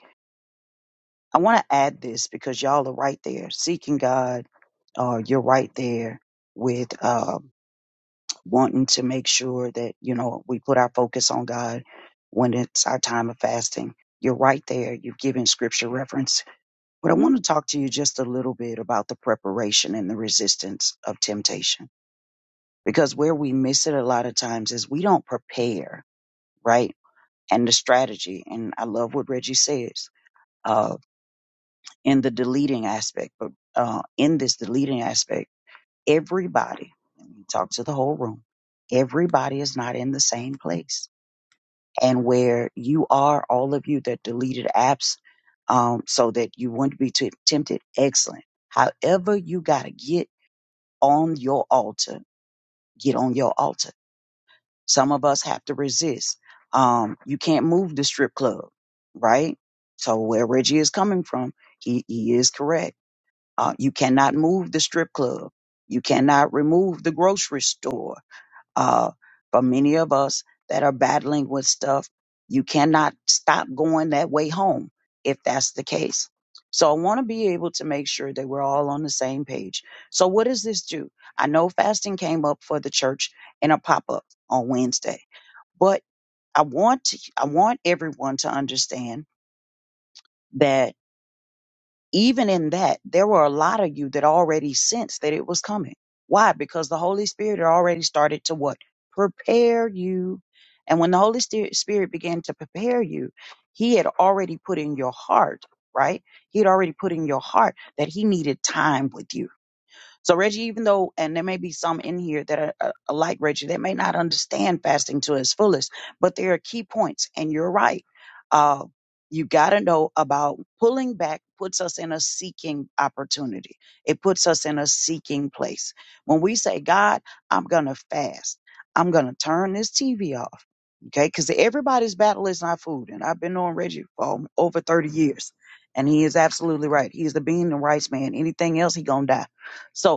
G: I want to add this because y'all are right there seeking God. Uh, you're right there with. Um, wanting to make sure that you know we put our focus on God when it's our time of fasting. You're right there. You've given scripture reference, but I want to talk to you just a little bit about the preparation and the resistance of temptation because where we miss it a lot of times is we don't prepare, right? And the strategy, and I love what Reggie says uh, in the deleting aspect, but uh, in this deleting aspect, everybody, and we talk to the whole room, everybody is not in the same place and where you are, all of you that deleted apps, um, so that you wouldn't be t- tempted. Excellent. However, you got to get on your altar. Get on your altar. Some of us have to resist. Um, you can't move the strip club, right? So where Reggie is coming from, he, he is correct. Uh, you cannot move the strip club. You cannot remove the grocery store uh, for many of us that are battling with stuff, you cannot stop going that way home if that's the case. So I want to be able to make sure that we're all on the same page. So what does this do? I know fasting came up for the church in a pop-up on Wednesday, but I want to, I want everyone to understand that even in that, there were a lot of you that already sensed that it was coming. Why? Because the Holy Spirit had already started to what? Prepare you. And when the Holy Sti- Spirit began to prepare you, He had already put in your heart, right? He had already put in your heart that He needed time with you so Reggie, even though, and there may be some in here that are, uh uh, like Reggie, that may not understand fasting to its fullest, but there are key points, and you're right. Uh, you got to know about pulling back puts us in a seeking opportunity. It puts us in a seeking place. When we say, God, I'm going to fast. I'm going to turn this TV off. Okay. Cause everybody's battle is not food. And I've been on Reggie for um, over 30 years and he is absolutely right. He is the bean and rice man. Anything else, he going to die. So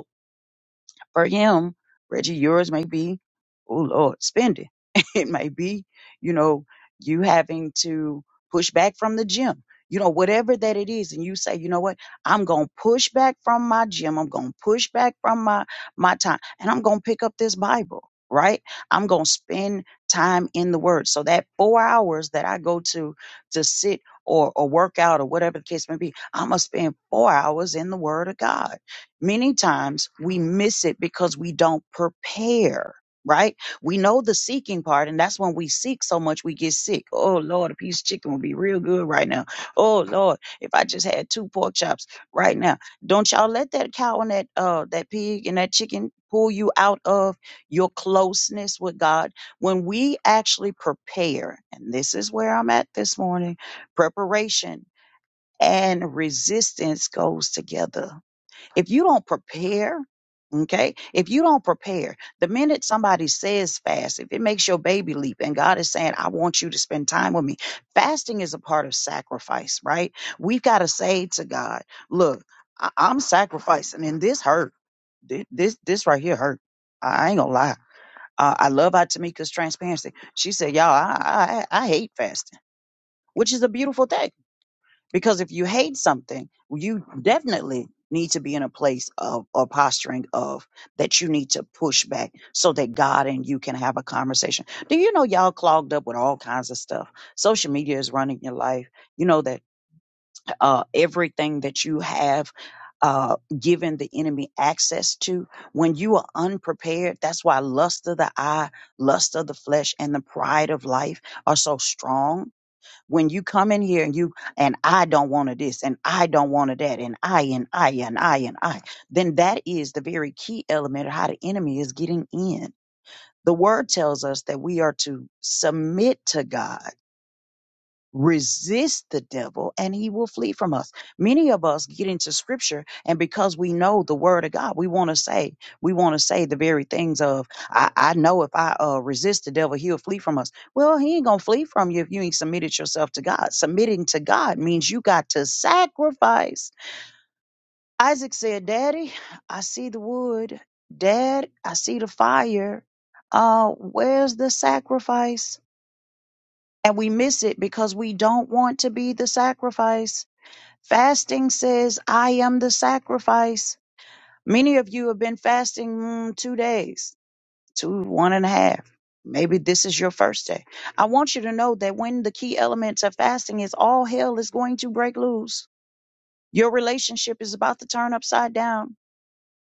G: for him, Reggie, yours may be, oh Lord, spending. it may be, you know, you having to push back from the gym. You know, whatever that it is, and you say, you know what, I'm gonna push back from my gym. I'm gonna push back from my my time, and I'm gonna pick up this Bible, right? I'm gonna spend time in the Word. So that four hours that I go to to sit or or work out or whatever the case may be, I'm gonna spend four hours in the Word of God many times we miss it because we don't prepare right we know the seeking part and that's when we seek so much we get sick oh lord a piece of chicken would be real good right now oh lord if i just had two pork chops right now don't y'all let that cow and that uh that pig and that chicken pull you out of your closeness with god when we actually prepare and this is where i'm at this morning preparation and resistance goes together if you don't prepare, okay, if you don't prepare, the minute somebody says fast, if it makes your baby leap and God is saying, I want you to spend time with me, fasting is a part of sacrifice, right? We've got to say to God, look, I- I'm sacrificing and this hurt. Thi- This, this right here hurt. I I ain't gonna lie. Uh, I love how Tamika's transparency. She said, y'all, I, I, I hate fasting, which is a beautiful thing because if you hate something, you definitely need to be in a place of or posturing of that you need to push back so that God and you can have a conversation. Do you know y'all clogged up with all kinds of stuff? Social media is running your life. You know that uh, everything that you have uh, given the enemy access to when you are unprepared. That's why lust of the eye, lust of the flesh, and the pride of life are so strong when you come in here and you and I don't want to this and I don't want to that and I and I and I and I, then that is the very key element of how the enemy is getting in. The word tells us that we are to submit to God resist the devil and he will flee from us. Many of us get into scripture and because we know the word of God, we want to say, we want to say the very things of, I, I know if I uh, resist the devil, he'll flee from us. Well, he ain't going to flee from you if you ain't submitted yourself to God. Submitting to God means you got to sacrifice. Isaac said, Daddy, I see the wood. Dad, I see the fire. Uh, where's the sacrifice? and we miss it because we don't want to be the sacrifice. Fasting says, I am the sacrifice. Many of you have been fasting mm, two days, two, one and a half. Maybe this is your first day. I want you to know that when the key elements of fasting is all hell is going to break loose. Your relationship is about to turn upside down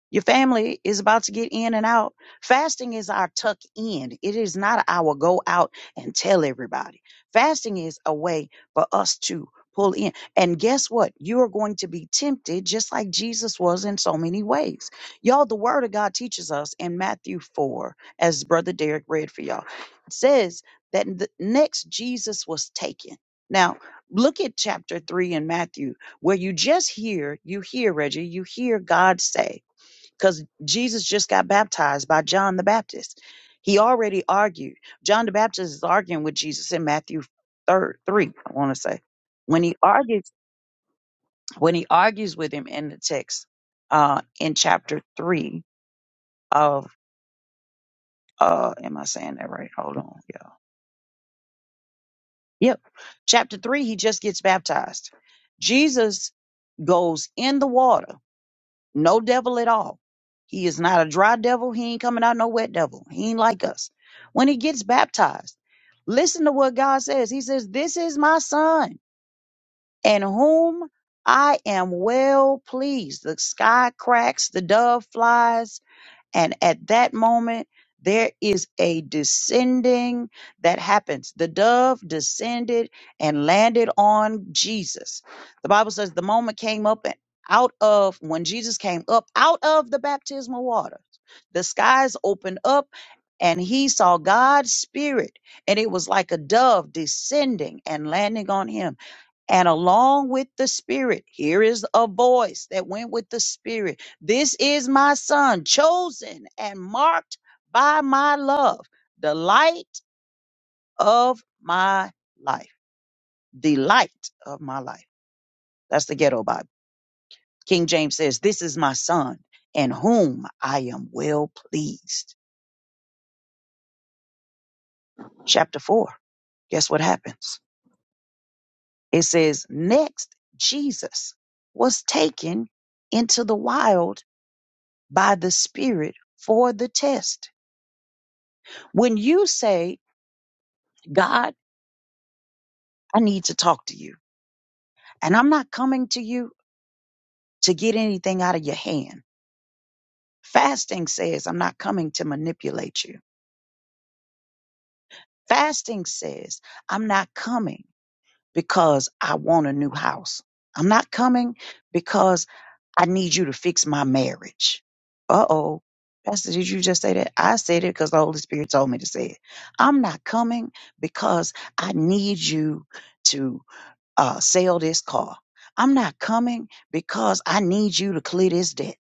G: your family is about to get in and out. Fasting is our tuck in. It is not our go out and tell everybody. Fasting is a way for us to pull in. And guess what? You are going to be tempted just like Jesus was in so many ways. Y'all, the word of God teaches us in Matthew 4, as Brother Derek read for y'all, it says that the next Jesus was taken. Now, look at chapter 3 in Matthew where you just hear, you hear, Reggie, you hear God say, because Jesus just got baptized by John the Baptist. He already argued. John the Baptist is arguing with Jesus in Matthew third three. I want to say when he argues when he argues with him in the text uh, in chapter three of uh, am I saying that right? Hold on, yeah, yep. Chapter three, he just gets baptized. Jesus goes in the water No devil at all. He is not a dry devil. He ain't coming out no wet devil. He ain't like us. When he gets baptized, listen to what God says. He says, This is my son in whom I am well pleased. The sky cracks, the dove flies, and at that moment, there is a descending that happens. The dove descended and landed on Jesus. The Bible says the moment came up and out of when Jesus came up out of the baptismal waters, the skies opened up and he saw God's spirit, and it was like a dove descending and landing on him. And along with the Spirit, here is a voice that went with the Spirit. This is my Son, chosen and marked by my love, the light of my life. The light of my life. That's the ghetto Bible. King James says, This is my Son, in whom I am well pleased. Chapter 4. Guess what happens? It says, Next, Jesus was taken into the wild by the Spirit for the test. When you say, God, I need to talk to you, and I'm not coming to you to get anything out of your hand. Fasting says, I'm not coming to manipulate you. Fasting says, I'm not coming. because I want a new house. I'm not coming because I need you to fix my marriage. Uh oh. Pastor, did you just say that? I said it because the Holy Spirit told me to say it. I'm not coming because I need you to uh, sell this car. I'm not coming because I need you to clear this debt.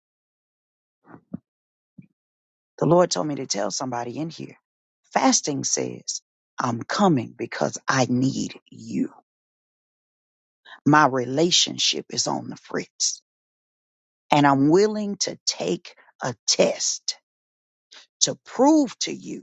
G: The Lord told me to tell somebody in here. Fasting says, I'm coming because I need you. My relationship is on the fritz. and I'm willing to take a test to prove to you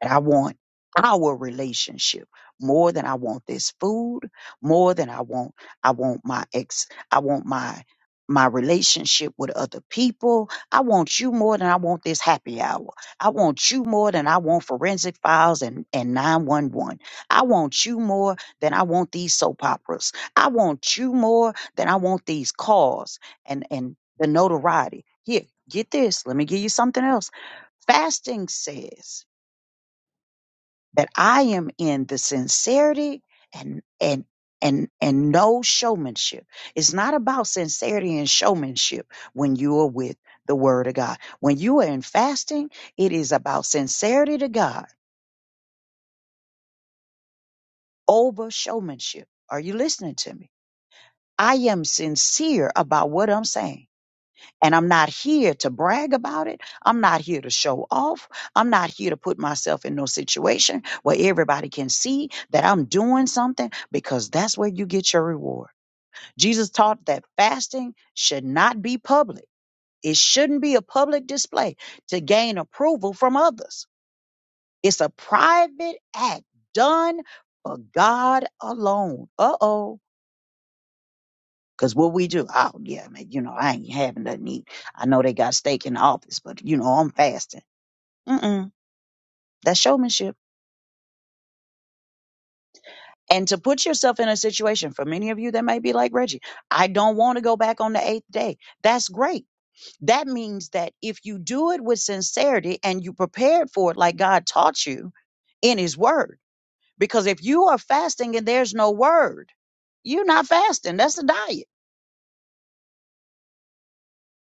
G: and I want our relationship more than I want this food, more than I want I want my ex I want my my relationship with other people. I want you more than I want this happy hour. I want you more than I want forensic files and, and 911. I want you more than I want these soap operas. I want you more than I want these cars and, and the notoriety. Here, get this. Let me give you something else. Fasting says that I am in the sincerity and and and and no showmanship. It's not about sincerity and showmanship when you are with the word of God. When you are in fasting, it is about sincerity to God over showmanship. Are you listening to me? I am sincere about what I'm saying. And I'm not here to brag about it. I'm not here to show off. I'm not here to put myself in no situation where everybody can see that I'm doing something because that's where you get your reward. Jesus taught that fasting should not be public. It shouldn't be a public display to gain approval from others. It's a private act done for God alone. Uh oh Cause what we do, oh yeah, man, you know, I ain't having nothing to eat. I know they got steak in the office, but you know, I'm fasting. Mm-mm. That's showmanship. And to put yourself in a situation for many of you that may be like Reggie, I don't want to go back on the eighth day. That's great. That means that if you do it with sincerity and you prepared for it like God taught you in his word. Because if you are fasting and there's no word, you're not fasting. That's a diet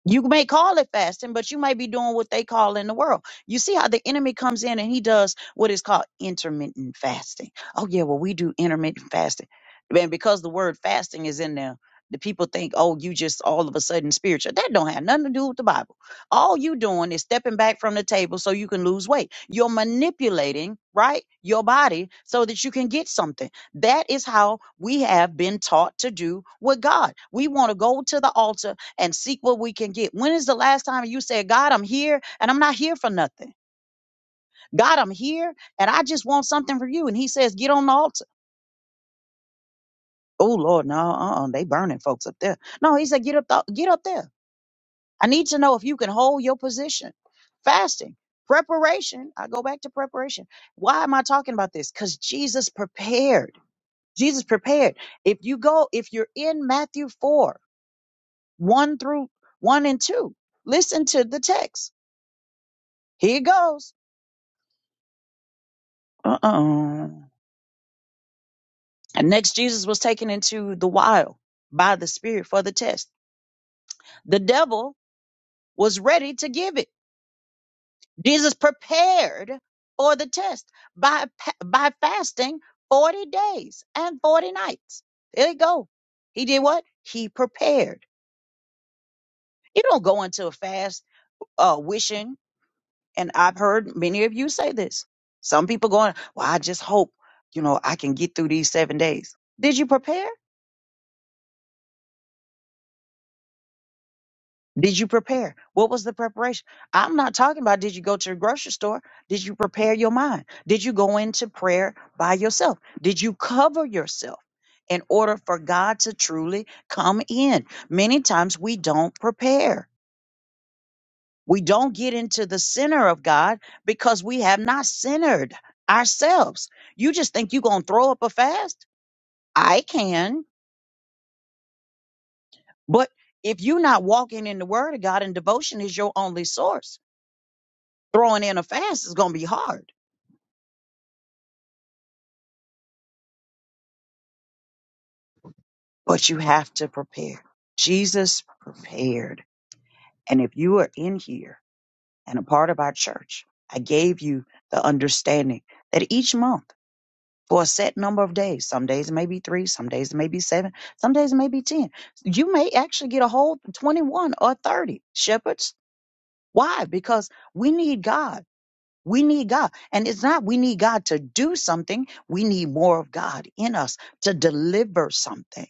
G: You may call it fasting, but you may be doing what they call in the world. You see how the enemy comes in and he does what is called intermittent fasting. Oh, yeah, well, we do intermittent fasting. And because the word fasting is in there, the people think, oh, you just all of a sudden spiritual. That don't have nothing to do with the Bible. All you doing is stepping back from the table so you can lose weight. You're manipulating, right, your body so that you can get something. That is how we have been taught to do with God. We want to go to the altar and seek what we can get. When is the last time you said, God, I'm here and I'm not here for nothing? God, I'm here and I just want something from you. And he says, get on the altar. Oh Lord, no, uh-uh, they burning folks up there. No, he said, get up, th- get up there. I need to know if you can hold your position. Fasting, preparation. I go back to preparation. Why am I talking about this? Because Jesus prepared. Jesus prepared. If you go, if you're in Matthew 4, 1 through 1 and 2, listen to the text. Here it goes. Uh-uh. And next, Jesus was taken into the wild by the Spirit for the test. The devil was ready to give it. Jesus prepared for the test by pa- by fasting 40 days and 40 nights. There you go. He did what? He prepared. You don't go into a fast uh, wishing, and I've heard many of you say this. Some people going, well, I just hope, you know, I can get through these seven days. Did you prepare? Did you prepare? What was the preparation? I'm not talking about did you go to the grocery store? Did you prepare your mind? Did you go into prayer by yourself? Did you cover yourself in order for God to truly come in? Many times we don't prepare. We don't get into the center of God because we have not centered ourselves. You just think you're going to throw up a fast? I can. But if you're not walking in the word of God and devotion is your only source, throwing in a fast is going to be hard, but you have to prepare. Jesus prepared. And if you are in here and a part of our church, I gave you the understanding that each month for a set number of days, some days it may be three, some days it may be seven, some days it may be 10. You may actually get a whole 21 or 30 shepherds. Why? Because we need God. We need God. And it's not we need God to do something. We need more of God in us to deliver something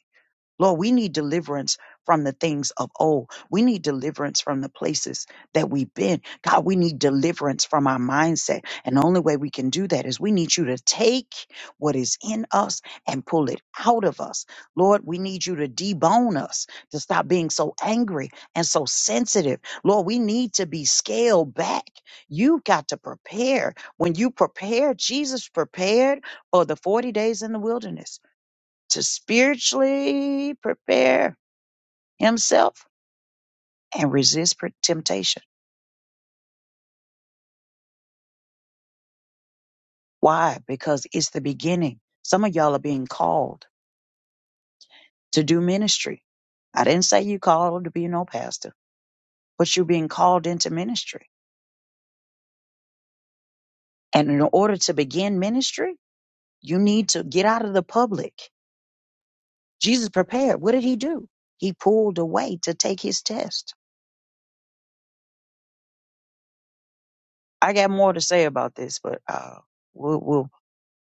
G: Lord, we need deliverance from the things of old. We need deliverance from the places that we've been. God, we need deliverance from our mindset. And the only way we can do that is we need you to take what is in us and pull it out of us. Lord, we need you to debone us to stop being so angry and so sensitive. Lord, we need to be scaled back. You've got to prepare. When you prepare, Jesus prepared for the 40 days in the wilderness to spiritually prepare himself and resist per- temptation. Why? Because it's the beginning. Some of y'all are being called to do ministry. I didn't say you called to be no pastor, but you're being called into ministry. And in order to begin ministry, you need to get out of the public. Jesus prepared. What did he do? He pulled away to take his test. I got more to say about this, but uh, we'll, we'll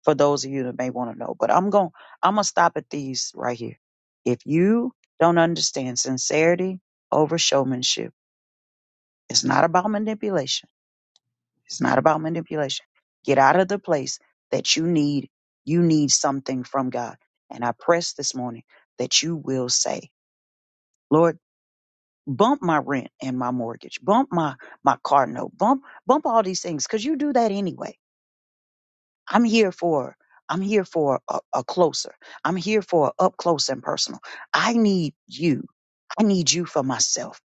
G: for those of you that may want to know. But I'm going I'm gonna stop at these right here. If you don't understand sincerity over showmanship, it's not about manipulation. It's not about manipulation. Get out of the place that you need you need something from God. And I press this morning that you will say, Lord, bump my rent and my mortgage, bump my my car note, bump bump all these things, because you do that anyway I'm here for I'm here for a, a closer. I'm here for up close and personal. I need you. I need you for myself.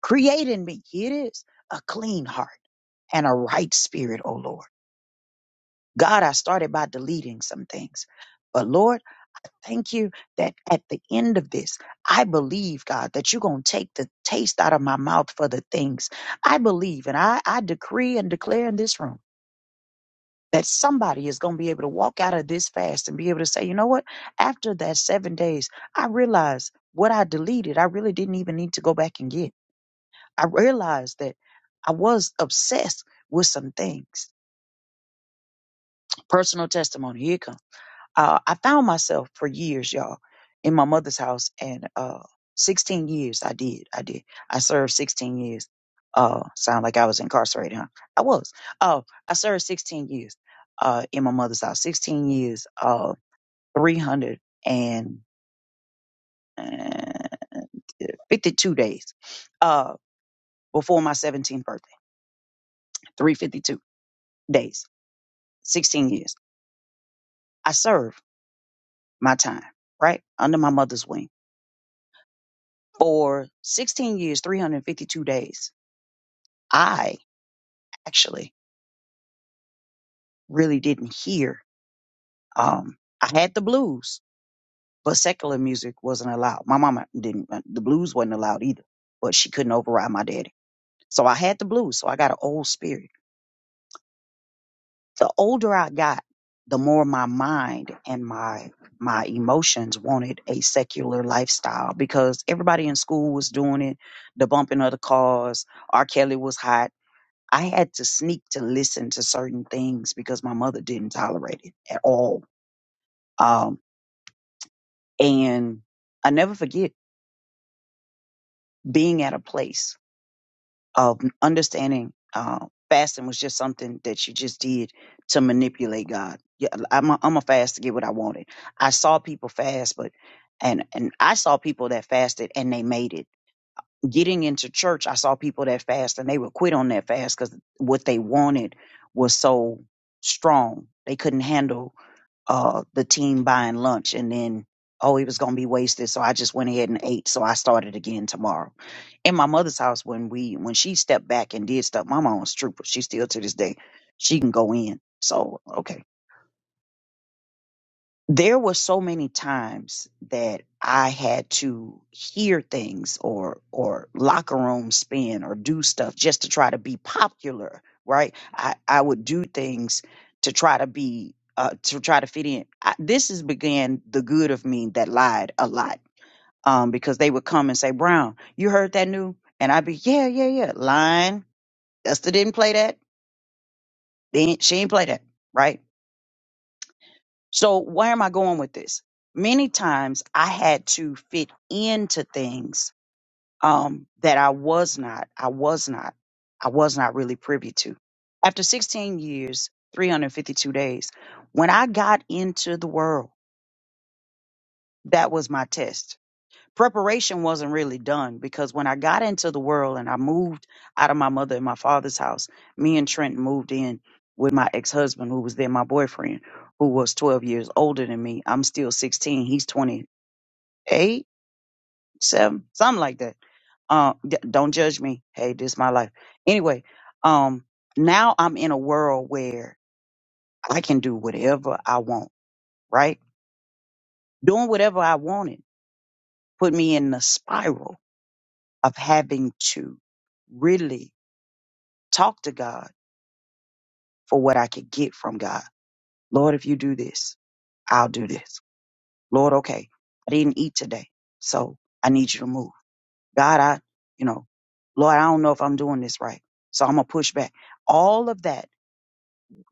G: Create in me. Here it is. A clean heart and a right spirit, O Lord. God, I started by deleting some things. But Lord, I thank you that at the end of this, I believe, God, that you're going to take the taste out of my mouth for the things. I believe and I, I decree and declare in this room. that somebody is going to be able to walk out of this fast and be able to say, you know what? After that seven days, I realized what I deleted, I really didn't even need to go back and get. I realized that I was obsessed with some things. Personal testimony, here it comes uh, I found myself for years, y'all, in my mother's house, and uh, 16 years I did. I did. I served 16 years. Uh, sound like I was incarcerated, huh? I was. Uh, I served 16 years uh, in my mother's house. 16 years, uh, 352 days uh, before my 17th birthday. 352 days, 16 years. I served my time, right? Under my mother's wing. for 16 years, 352 days, I actually really didn't hear. Um, I had the blues, but secular music wasn't allowed. My mama didn't, uh, the blues wasn't allowed either, but she couldn't override my daddy. So I had the blues. So I got an old spirit. The older I got, the more my mind and my my emotions wanted a secular lifestyle because everybody in school was doing it, the bumping of the cars, R. Kelly was hot. I had to sneak to listen to certain things because my mother didn't tolerate it at all. Um, and I never forget being at a place of understanding uh, fasting was just something that you just did to manipulate God. Yeah, I'm a, I'm a fast to get what I wanted. I saw people fast, but and and I saw people that fasted and they made it. Getting into church, I saw people that fast and they would quit on that fast because what they wanted was so strong. They couldn't handle uh, the team buying lunch and then, oh, it was going to be wasted. So I just went ahead and ate. So I started again tomorrow. In my mother's house, when we, when she stepped back and did stuff, my mom was trooper. She still to this day, she can go in. So, okay there were so many times that I had to hear things or or locker room spin or do stuff just to try to be popular, right? I, I would do things to try to be uh, to try to fit in. I, this is began the good of me that lied a lot um, because they would come and say, "Brown, you heard that new?" And I'd be, "Yeah, yeah, yeah." Lying. Esther didn't play that. They ain't, she ain't play that, right? So, where am I going with this? Many times I had to fit into things um, that I was not, I was not, I was not really privy to. After 16 years, 352 days, when I got into the world, that was my test preparation wasn't really done because when I got into the world and I moved out of my mother and my father's house, me and Trent moved in with my ex husband, who was then my boyfriend, who was 12 years older than me. I'm still 16. He's 28, 7, something like that. Uh, d- don't judge me. Hey, this is my life. Anyway, um, now I'm in a world where I can do whatever I want, right? Doing whatever I wanted put me in the spiral of having to really talk to God for what I could get from God. Lord, if you do this, I'll do this. Lord, okay, I didn't eat today, so I need you to move. God, I, you know, Lord, I don't know if I'm doing this right, so I'm gonna push back. All of that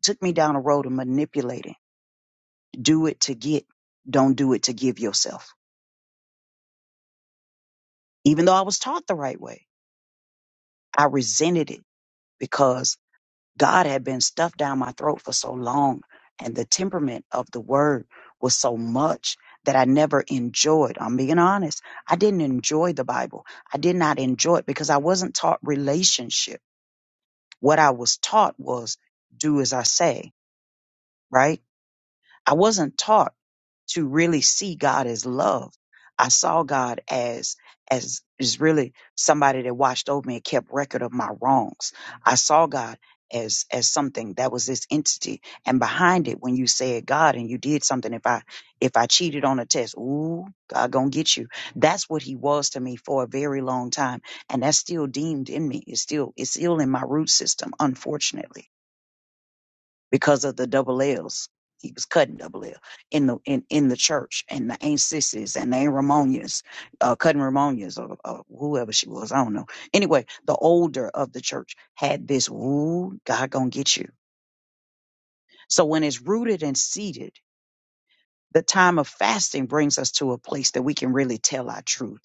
G: took me down a road of manipulating. Do it to get, don't do it to give yourself. Even though I was taught the right way, I resented it because God had been stuffed down my throat for so long, and the temperament of the word was so much that I never enjoyed. I'm being honest. I didn't enjoy the Bible. I did not enjoy it because I wasn't taught relationship. What I was taught was do as I say, right? I wasn't taught to really see God as love. I saw God as as is really somebody that watched over me and kept record of my wrongs. I saw God as as something that was this entity. And behind it, when you said God and you did something, if I if I cheated on a test, ooh, God gonna get you. That's what he was to me for a very long time. And that's still deemed in me. It's still it's still in my root system, unfortunately because of the double L's. He was cutting double L in the in, in the church, and the Aunt Sissies and the Aunt Ramonias, uh, cutting Ramonias or, or whoever she was, I don't know. Anyway, the older of the church had this rule: God gonna get you. So when it's rooted and seated, the time of fasting brings us to a place that we can really tell our truth.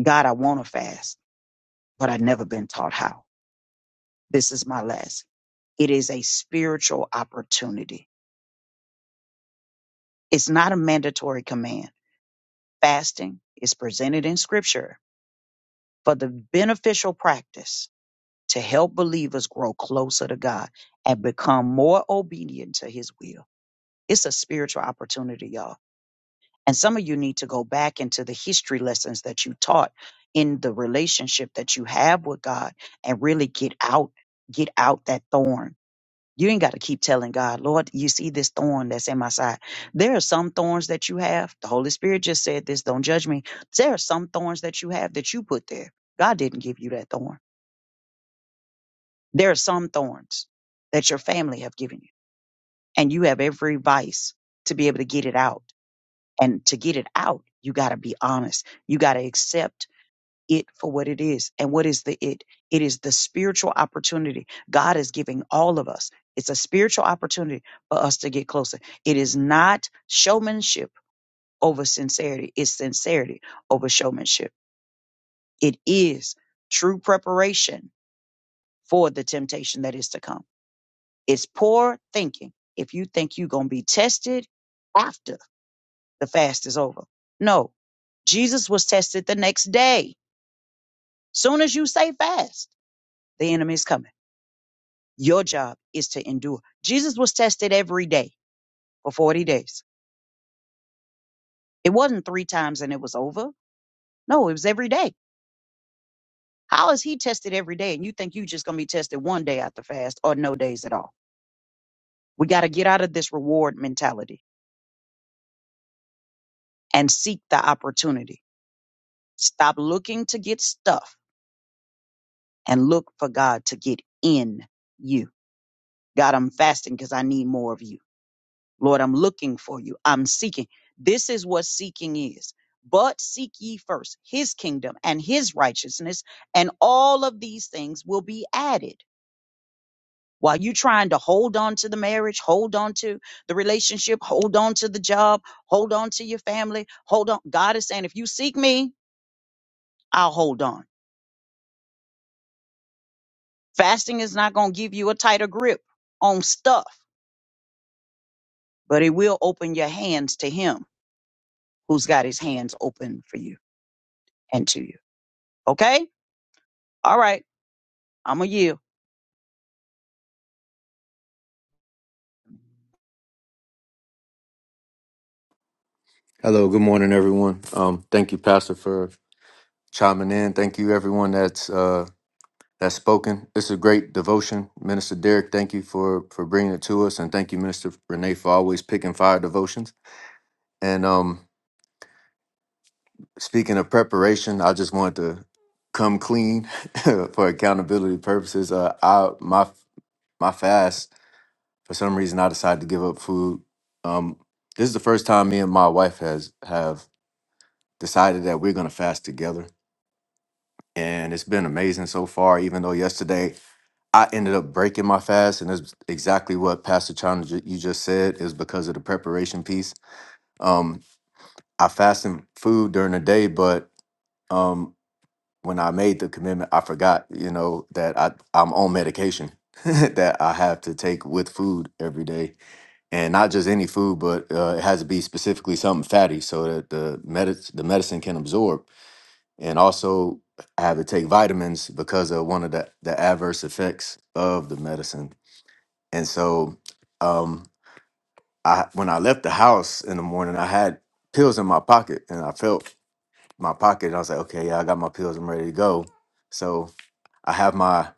G: God, I want to fast, but I've never been taught how. This is my last. It is a spiritual opportunity. It's not a mandatory command Fasting is presented in Scripture for the beneficial practice to help believers grow closer to God and become more obedient to His will. It's a spiritual opportunity, y'all. And some of you need to go back into the history lessons that you taught in the relationship that you have with God and really get out, get out that thorn you ain't got to keep telling God, Lord, you see this thorn that's in my side. There are some thorns that you have. The Holy Spirit just said this, don't judge me. There are some thorns that you have that you put there. God didn't give you that thorn. There are some thorns that your family have given you, and you have every vice to be able to get it out. And to get it out, you got to be honest. You got to accept it for what it is. And what is the it? It is the spiritual opportunity God is giving all of us. It's a spiritual opportunity for us to get closer. It is not showmanship over sincerity, it's sincerity over showmanship. It is true preparation for the temptation that is to come. It's poor thinking if you think you're going to be tested after the fast is over. No, Jesus was tested the next day. Soon as you say fast, the enemy is coming. Your job is to endure. Jesus was tested every day for 40 days. It wasn't three times and it was over. No, it was every day. How is he tested every day and you think you just going to be tested one day after fast or no days at all? We got to get out of this reward mentality and seek the opportunity. Stop looking to get stuff and look for God to get in you. God, I'm fasting because I need more of you. Lord, I'm looking for you. I'm seeking. This is what seeking is. But seek ye first his kingdom and his righteousness, and all of these things will be added. While you trying to hold on to the marriage, hold on to the relationship, hold on to the job, hold on to your family, hold on. God is saying, if you seek me, I'll hold on. Fasting is not going to give you a tighter grip on stuff, but it will open your hands to him who's got his hands open for you and to you. Okay? All right. I'ma yield.
H: Hello. Good morning, everyone. Um, thank you, Pastor, for chiming in. Thank you, everyone that's uh, that's spoken. This is a great devotion, Minister Derek. Thank you for for bringing it to us, and thank you, Minister Renee, for always picking fire devotions. And um, speaking of preparation, I just wanted to come clean for accountability purposes. Uh, I my my fast for some reason I decided to give up food. Um, this is the first time me and my wife has have decided that we're gonna fast together and it's been amazing so far. Even though yesterday I ended up breaking my fast, and it's exactly what Pastor Chana ju- you just said is because of the preparation piece. Um, I fasted food during the day, but um, when I made the commitment, I forgot, you know, that I I'm on medication that I have to take with food every day, and not just any food, but uh, it has to be specifically something fatty so that the medic the medicine can absorb and also I had to take vitamins because of one of the, the adverse effects of the medicine. And so, um, I when I left the house in the morning, I had pills in my pocket, and I felt my pocket. And I was like, okay, yeah, I got my pills. I'm ready to go. So I have my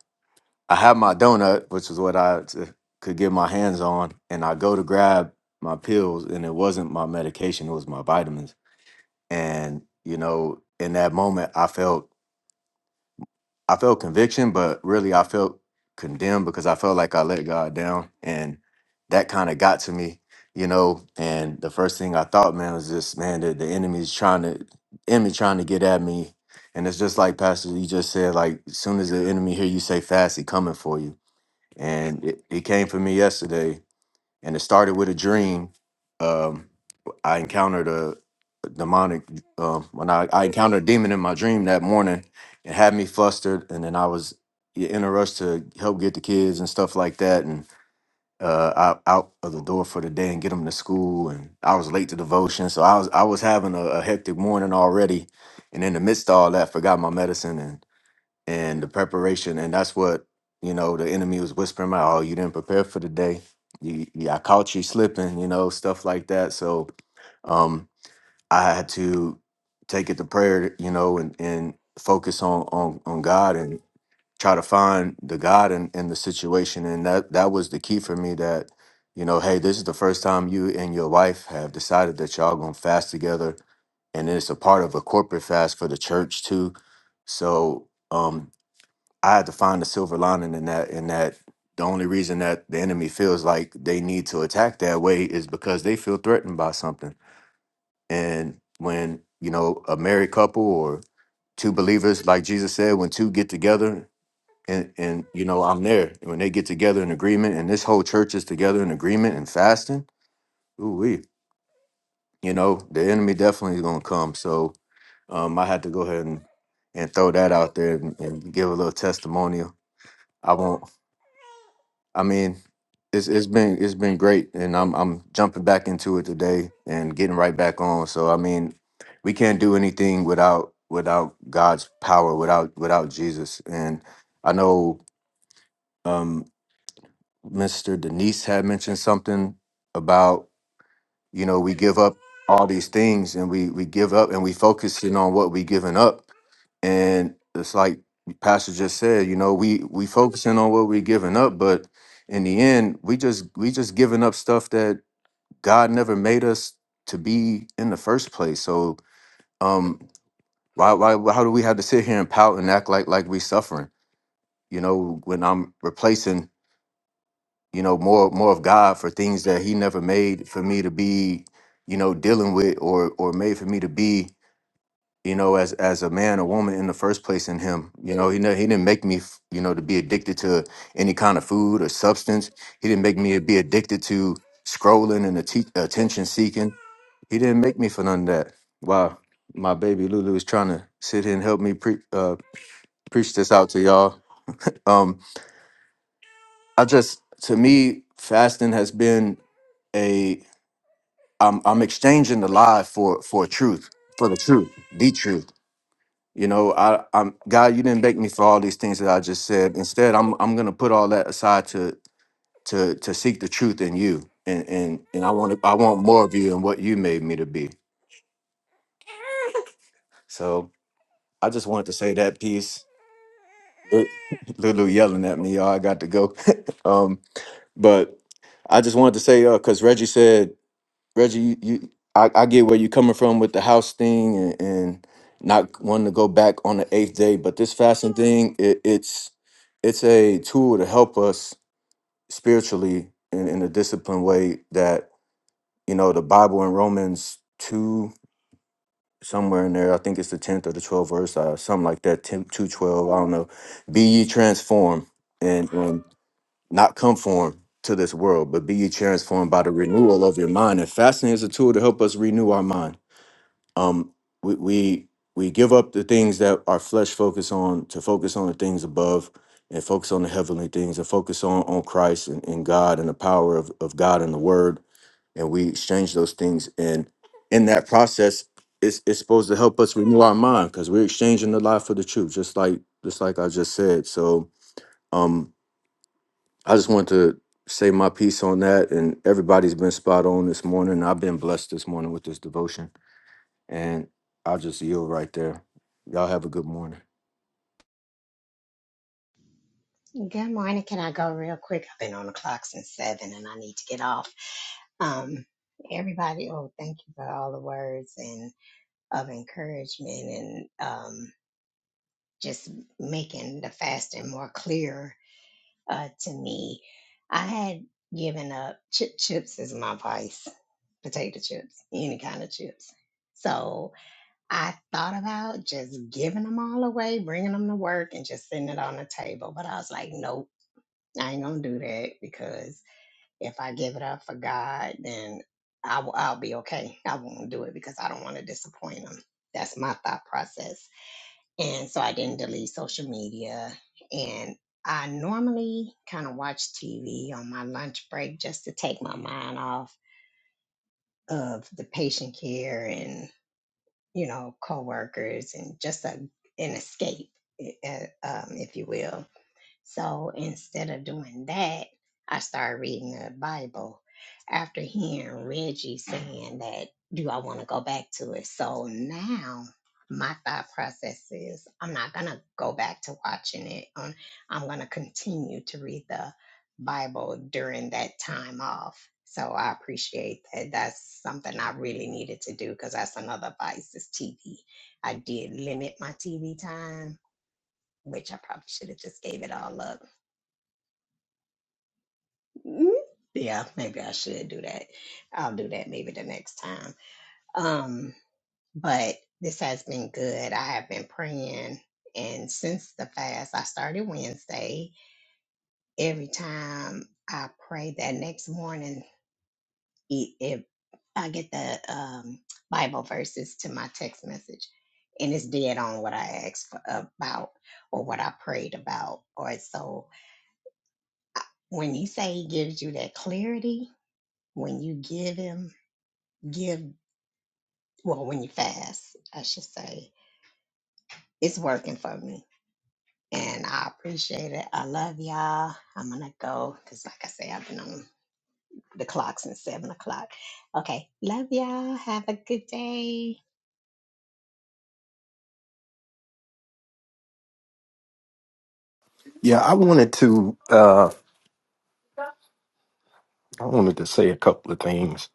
H: I have my donut, which is what I t- could get my hands on, and I go to grab my pills, and it wasn't my medication; it was my vitamins. And you know, in that moment, I felt I felt conviction, but really I felt condemned because I felt like I let God down. And that kind of got to me, you know. And the first thing I thought, man, was just, man, the, the enemy's trying to enemy trying to get at me. And it's just like Pastor, you just said, like, as soon as the enemy hear you say fast, he coming for you. And it, it came for me yesterday and it started with a dream. Um, I encountered a demonic um, when I, I encountered a demon in my dream that morning. It had me flustered, and then I was in a rush to help get the kids and stuff like that, and uh, out out of the door for the day and get them to school. And I was late to devotion, so I was I was having a, a hectic morning already, and in the midst of all that, forgot my medicine and the preparation and that's what you know the enemy was whispering about oh you didn't prepare for the day you, you i caught you slipping you know stuff like that so um i had to take it to prayer you know and and focus on on on god and try to find the god in, in the situation and that that was the key for me that you know hey this is the first time you and your wife have decided that y'all gonna fast together and it's a part of a corporate fast for the church too so um I had to find a silver lining in that. In that, the only reason that the enemy feels like they need to attack that way is because they feel threatened by something. And when you know a married couple or two believers, like Jesus said, when two get together, and and you know I'm there. And when they get together in agreement, and this whole church is together in agreement and fasting, ooh we, you know, the enemy definitely is gonna come. So um, I had to go ahead and and throw that out there and, and give a little testimonial. I won't I mean, it's it's been it's been great, and I'm I'm jumping back into it today and getting right back on. So I mean, we can't do anything without without God's power, without without Jesus. And I know um, Mr. Denise had mentioned something about you know we give up all these things and we we give up and we focusing on what we giving up and it's like the Pastor just said, you know, we we focusing on what we're giving up, but in the end, we just we just giving up stuff that God never made us to be in the first place. So um why why why- how do we have to sit here and pout and act like like we suffering? You know, when I'm replacing, you know, more more of God for things that He never made for me to be, you know, dealing with or or made for me to be you know, as as a man or woman in the first place in him. You know, he ne- he didn't make me, f- you know, to be addicted to any kind of food or substance. He didn't make me be addicted to scrolling and atti- attention seeking. He didn't make me for none of that. Wow, my baby Lulu is trying to sit here and help me pre- uh, preach this out to y'all. Um, I just to me, fasting has been a I'm I'm exchanging the lie for for truth for the truth, the truth. You know, I, I'm God. You didn't make me for all these things that I just said. Instead, I'm I'm gonna put all that aside to to to seek the truth in you, and and and I want to I want more of you and what you made me to be. So I just wanted to say that piece. Lu- Lulu yelling at me, y'all. I got to go. um, but I just wanted to say, uh, because Reggie said Reggie, you, you I, I get where you're coming from with the house thing and, and not wanting to go back on the eighth day, but this fasting thing, it, it's it's a tool to help us spiritually in, in a disciplined way that, you know, the Bible in Romans 2, somewhere in there, I think it's the 10th or the 12th verse, uh, something like that, Ten, two, twelve. I don't know. Be ye transformed and, and not conform to this world, but be ye transformed by the renewal of your mind. And fasting is a tool to help us renew our mind um we we we give up the things that our flesh focus on to focus on the things above and focus on the heavenly things and focus on on christ and, and god and the power of, of god and the word and we exchange those things and in that process it's, it's supposed to help us renew our mind because we're exchanging the lie for the truth just like just like i just said so um i just wanted to say my piece on that and everybody's been spot on this morning i've been blessed this morning with this devotion and I'll just yield right there. Y'all have a good morning.
I: Good morning. Can I go real quick? I've been on the clock since seven and I need to get off. Um, everybody, oh, thank you for all the words and of encouragement and um, just making the fasting more clear uh, to me. I had given up chip chips is my vice, potato chips, any kind of chips. So I thought about just giving them all away, bringing them to work, and just sitting it on the table. But I was like, no I ain't gonna do that because if I give it up for God, then I will, I'll be okay. I won't do it because I don't want to disappoint him. That's my thought process. And so I didn't delete social media. And I normally kind of watch TV on my lunch break just to take my mind off of the patient care and, you know, coworkers and just a, an escape, eh, eh, um, if you will so instead of doing that, I started reading the Bible after hearing Reggie saying that, do I want to go back to it? So now my thought process is I'm not going to go back to watching it. Um, I'm going to continue to read the Bible during that time off. So I appreciate that. That's something I really needed to do because that's another vice is TV. I did limit my TV time, which I probably should have just gave it all up Mm, Yeah, maybe I should do that. I'll do that maybe the next time. Um, but this has been good. I have been praying, and since the fast, I started Wednesday. Every time I pray that next morning, it, it I get the um, Bible verses to my text message, and it's dead on what I asked for, about or what I prayed about. Or so I- when you say he gives you that clarity, when you give him give well when you fast i should say it's working for me and i appreciate it i love y'all i'm gonna go because like i say i've been on the clock since seven o'clock okay love y'all have a good day
J: Yeah, I wanted to uh I wanted to say a couple of things.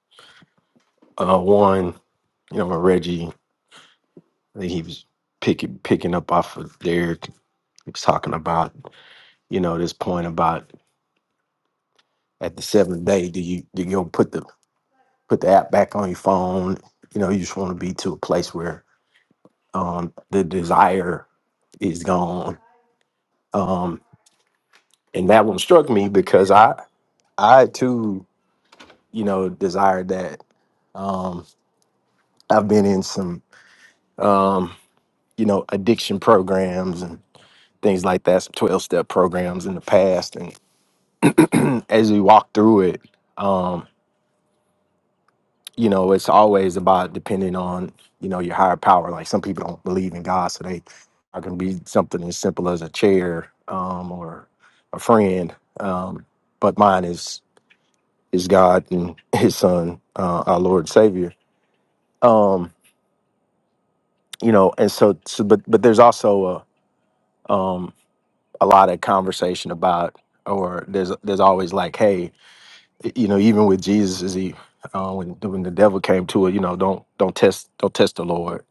J: Uh one, you know, Reggie I think he was picking picking up off of Derek, he was talking about, you know, this point about at the seventh day, do you do you go put the put the app back on your phone? You know, you just want to be to a place where um the desire is gone. Um and that one struck me because I I too, you know, desired that. Um I've been in some um, you know, addiction programs and things like that, some 12 step programs in the past. And as we walk through it, um, you know, it's always about depending on, you know, your higher power. Like some people don't believe in God, so they are going to be something as simple as a chair um, or a friend. Um, but mine is is God and His Son, uh, our Lord and Savior. Um, you know, and so, so but but there's also a um, a lot of conversation about or there's there's always like hey you know even with jesus is he uh, when when the devil came to it you know don't don't test don't test the lord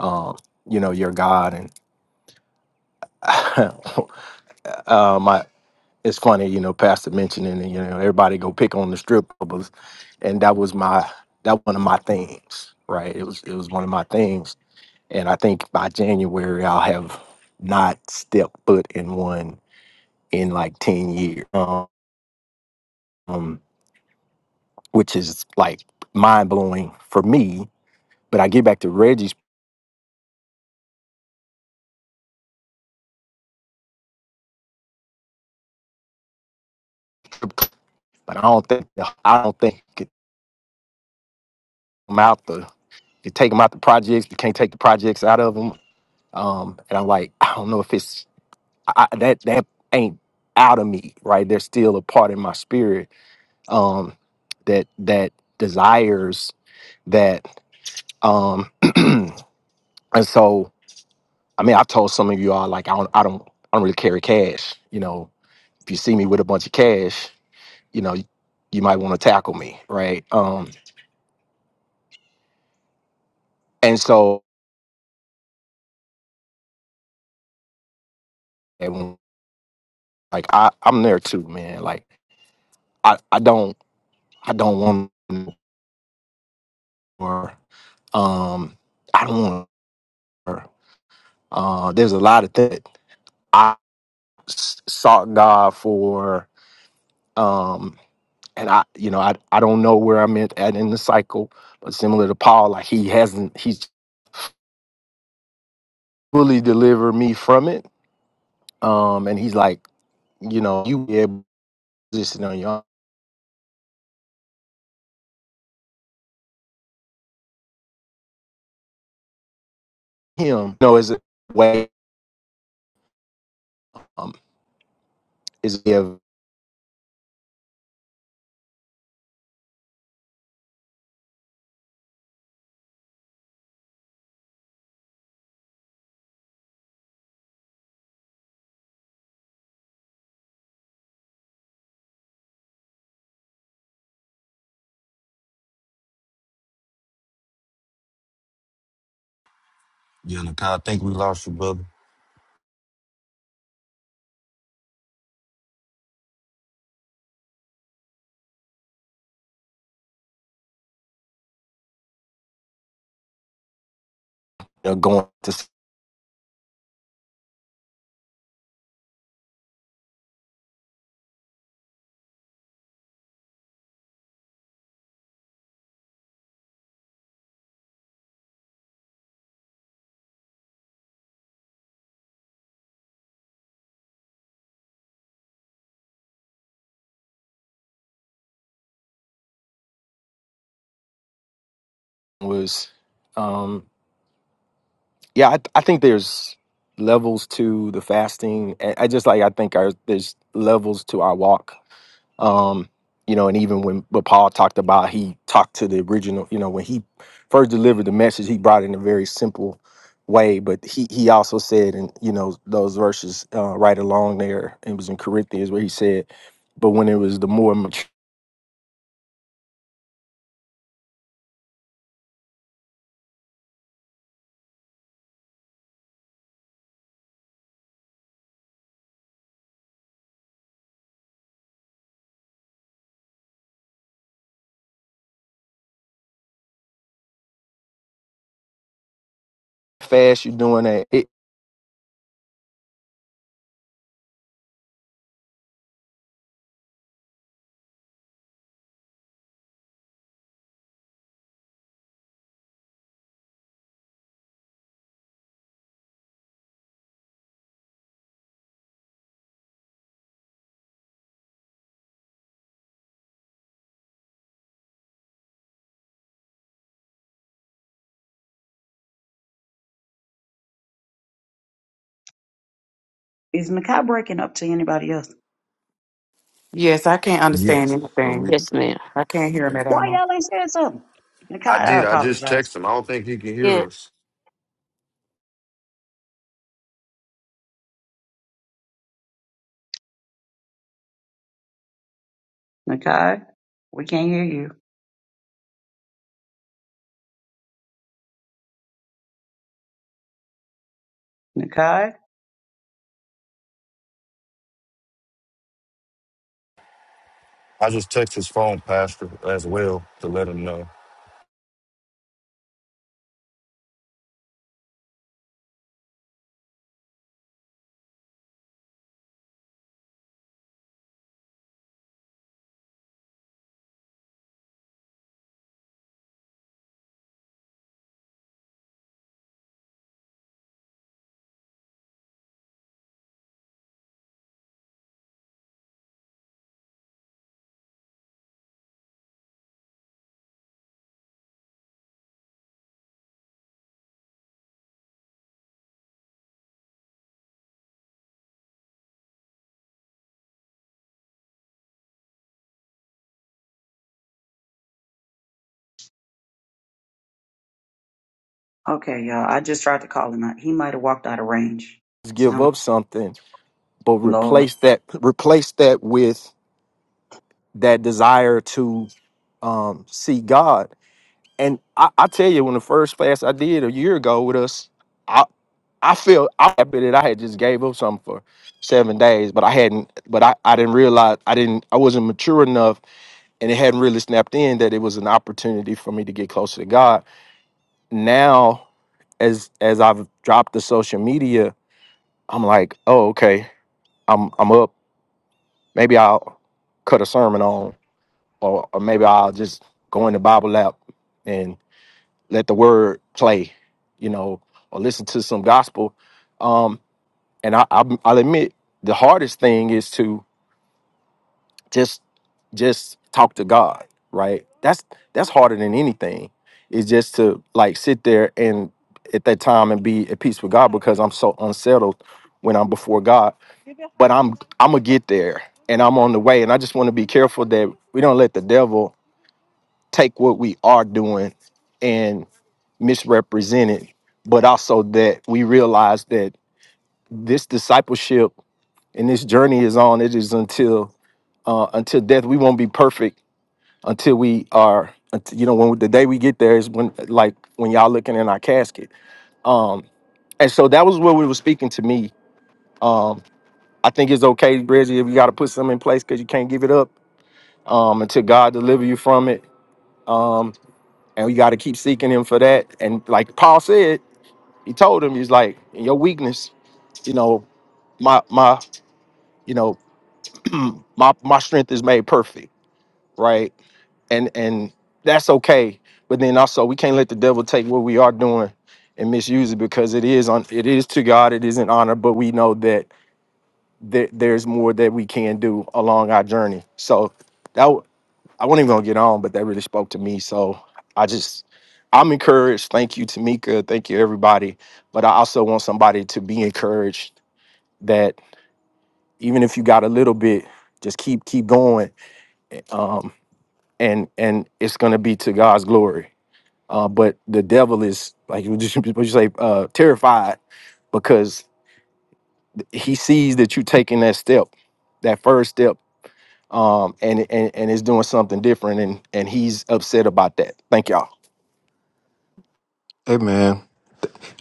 J: um you know your god and um I, it's funny you know pastor mentioning and you know everybody go pick on the strippers and that was my that one of my things right it was it was one of my things and i think by january i'll have not stepped foot in one in like 10 years um which is like mind blowing for me. But I get back to Reggie's, but I don't think I don't think you could come out the you take them out the projects. You can't take the projects out of them. Um, and I'm like, I don't know if it's I, I- that that ain't out of me, right? There's still a part in my spirit um, that that desires that. Um, and so, I mean, I told some of you all like I don't I don't I don't really carry cash. You know, if you see me with a bunch of cash. you know, you might want to tackle me, right? Um, and so and, like I, I'm there too, man. Like I, I don't I don't want or um I don't want her. Uh, there's a lot of that I s- sought God for um and I you know I I don't know where I'm at, at in the cycle, but similar to Paul, like he hasn't he's fully delivered me from it. Um and he's like, you know, you be able to position on your own him. You know, as a way um, is a way of you
B: Yeah, I think we lost you, brother.
J: know, going to s- was, um, yeah. I, I think there's levels to the fasting. I, I just like I think our, there's levels to our walk. Um, you know, and even when what Paul talked about, he talked to the original. You know, when he first delivered the message, he brought it in a very simple way but he he also said in you know those verses uh, right along there it was in corinthians where he said but when it was the more mature fast you're doing that
G: Is Nakai breaking up to anybody else?
C: Yes, I can't understand
B: Yes.
H: All
C: anything.
H: right.
K: Yes, ma'am.
C: I can't hear him
B: Yeah.
C: at
G: Why
C: all.
G: y'all ain't saying something? Nakai,
B: I
G: I
B: did. I just
G: apologize.
B: texted him. I don't think he can hear
D: Yeah.
B: us.
G: Nakai, we can't hear you. Nakai?
B: I just text his phone pastor as well to let him know.
G: Okay, y'all. I just tried to call him out. He might have walked out of range.
J: give
G: Sound like
J: up something, but
G: Lord.
J: replace that replace that with that desire to um see God. And I, I tell you, when the first class I did a year ago with us, I I feel I happy that I had just gave up something for seven days, but I hadn't but I, I didn't realize I didn't I wasn't mature enough and it hadn't really snapped in that it was an opportunity for me to get closer to God. Now as as I've dropped the social media, I'm like, oh okay, I'm I'm up Maybe I'll cut a sermon on, or, or maybe I'll just go in the Bible app and let the word play, you know, or listen to some gospel. Um, and I, I, I'll admit the hardest thing is to just just talk to God, right? That's that's harder than anything. Is just to like sit there and at that time and be at peace with God because I'm so unsettled when I'm before God but I'm I'm gonna get there and I'm on the way. And I just want to be careful that we don't let the devil take what we are doing and misrepresent it, but also that we realize that this discipleship and this journey is on. It is until uh, until death. We won't be perfect until we are. unt- You know, when the day we get there is when, like, when y'all looking in our casket. Um, and so that was what we were speaking to me. Um, I think it's okay, Reggie, if you got to put something in place because you can't give it up um, until God deliver you from it. Um, and we got to keep seeking Him for that. And like Paul said, he told him, he's like, in your weakness, you know, my my, you know, my my strength is made perfect, right? And and that's okay. But then also, we can't let the devil take what we are doing and misuse it because it is on it is to God, it is an honor. But we know that there, there's more that we can do along our journey. So. that. I wasn't even gonna get on, but that really spoke to me. So I just I'm encouraged. Thank you, Tamika. Thank you, everybody. But I also want somebody to be encouraged that even if you got a little bit, just keep keep going. Um, and and it's gonna be to God's glory. Uh, but the devil is like you just what you say, uh, terrified because he sees that you taking that step, that first step, um, and and and it's doing something different, and and he's upset about that. Thank y'all.
H: Hey man,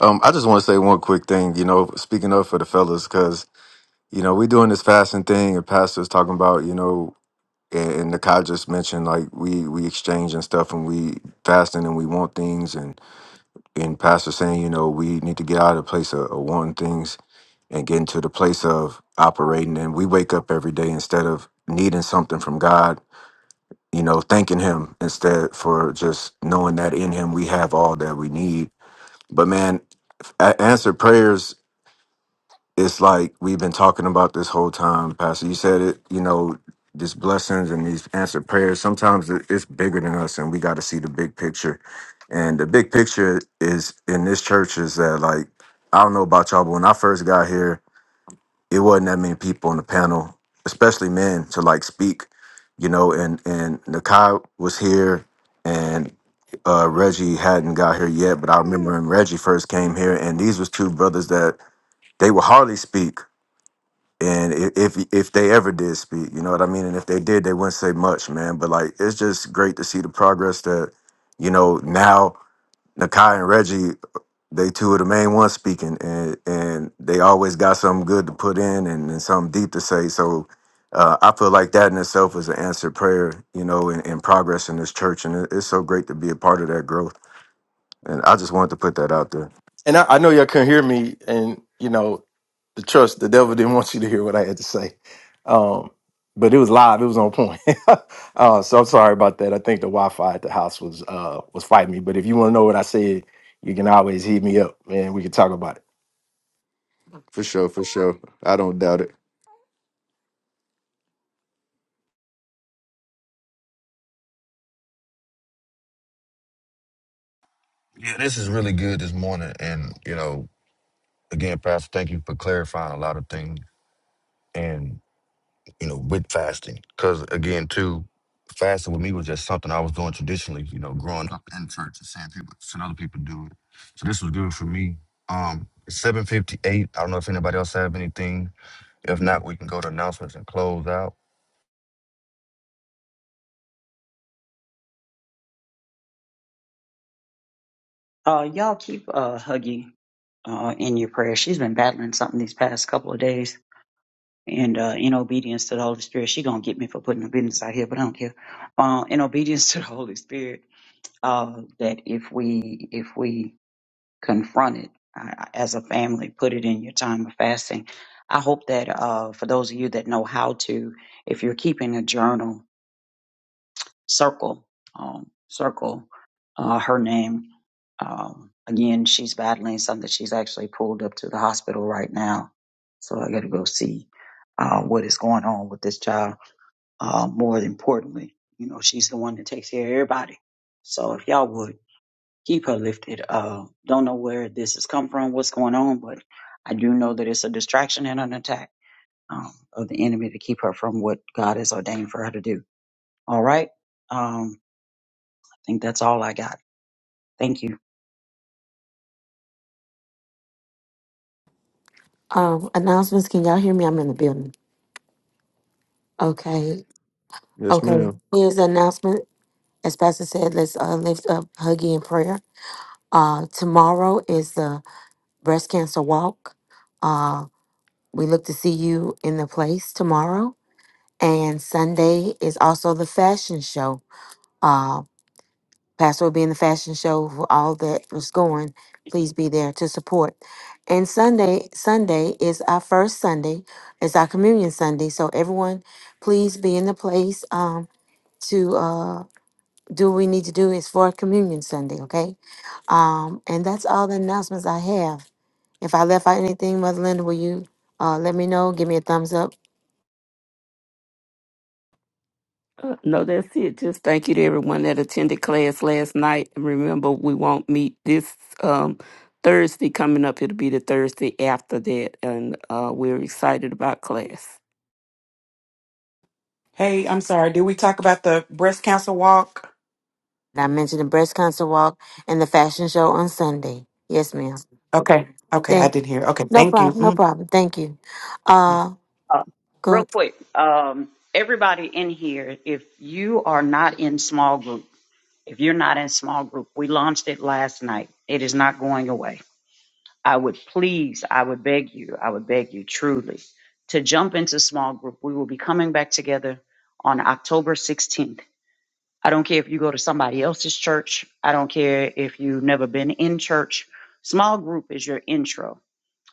H: um, I just want to say one quick thing. You know, speaking of for the fellas, because you know we doing this fasting thing, and pastors talking about you know, and, and Nakai just mentioned like we we exchange and stuff, and we fasting and we want things, and and pastor saying you know we need to get out of the place of, of wanting things and get into the place of operating, and we wake up every day instead of needing something from God you know, thanking him instead for just knowing that in him we have all that we need. But man, a- answered prayers its like we've been talking about this whole time, Pastor. You said it, you know, these blessings and these answered prayers, sometimes it- it's bigger than us and we got to see the big picture. And the big picture is in this church is that, like, I don't know about y'all, but when I first got here, it wasn't that many people on the panel, especially men, to like speak, you know. And and Nakai was here, and uh, Reggie hadn't got here yet. But I remember when Reggie first came here, and these was two brothers that they would hardly speak, and i- if if they ever did speak, you know what I mean. And if they did, they wouldn't say much, man. But like, it's just great to see the progress that you know now. Nakai and Reggie they two of the main ones speaking, and and they always got something good to put in and, and something deep to say. So uh, I feel like that in itself is an answered prayer, you know, and, and progress in this church, and it, it's so great to be a part of that growth. And I just wanted to put that out there.
J: And I, I know y'all couldn't hear me, and you know the trust the devil didn't want you to hear what I had to say, um, but it was live. It was on point. uh, so I'm sorry about that. I think the Wi-Fi at the house was uh, was fighting me. But if you want to know what I said, you can always hit me up, and we can talk about it.
H: For sure, for sure. I don't doubt it.
B: Yeah, this is really good this morning. And, you know, again, Pastor, thank you for clarifying a lot of things and, you know, with fasting. Because, again, too, fasting with me was just something I was doing traditionally, you know, growing up in church and seeing people, seeing other people do it. So this was good for me. Um, 758, I don't know if anybody else have anything If not, we can go to announcements and close out.
G: Uh y'all keep uh Huggy uh in your prayers. She's been battling something these past couple of days. And uh, in obedience to the Holy Spirit, she gonna get me for putting her business out here, but I don't care. Uh, in obedience to the Holy Spirit, uh, that if we if we confront it uh, as a family, put it in your time of fasting. I hope that uh, for those of you that know how to, if you're keeping a journal, circle, um, circle uh, her name. Um, again, she's battling something. She's actually pulled up to the hospital right now. So I got to go see uh, what is going on with this child. Uh, more importantly, you know, she's the one that takes care of everybody. So if y'all would keep her lifted. Uh, don't know where this has come from, what's going on, but I do know that it's a distraction and an attack um, of the enemy to keep her from what God has ordained for her to do. All right. Um, I think that's all I got. Thank you.
D: Um, announcements. Can y'all hear me? I'm in the building. Okay.
H: Yes,
D: Okay.
H: ma'am.
D: Here's the announcement. As Pastor said, let's uh, lift up Huggy in prayer. Uh, tomorrow is the breast cancer walk. Uh, we look to see you in the place tomorrow. And Sunday is also the fashion show. Uh, Pastor will be in the fashion show for all that is going. Please be there to support. And Sunday, Sunday is our first Sunday. It's our communion Sunday. So everyone, please be in the place um, to uh, do what we need to do. It's for communion Sunday, okay? Um, and that's all the announcements I have. If I left out anything, Mother Linda, will you uh, let me know? Give me a thumbs up
K: Uh, No, that's it. Just thank you to everyone that attended class last night. And remember, we won't meet this um, Thursday coming up. It'll be the Thursday after that. And uh, we're excited about class.
C: Hey, I'm sorry. Did we talk about the breast cancer walk?
D: And I mentioned the breast cancer walk and the fashion show on Sunday. Yes, ma'am.
C: Okay. Okay, I
D: Thank
C: did hear. Okay,
D: no
C: thank you.
D: problem, no
C: Mm.
D: problem. Thank you. Uh
G: Uh, real
D: good.
G: quick, um, everybody in here, if you are not in small group, if you're not in small group, we launched it last night. It is not going away I would please, I would beg you, I would beg you truly to jump into small group. We will be coming back together on October 16th. I don't care if you go to somebody else's church. I don't care if you've never been in church. Small group is your intro.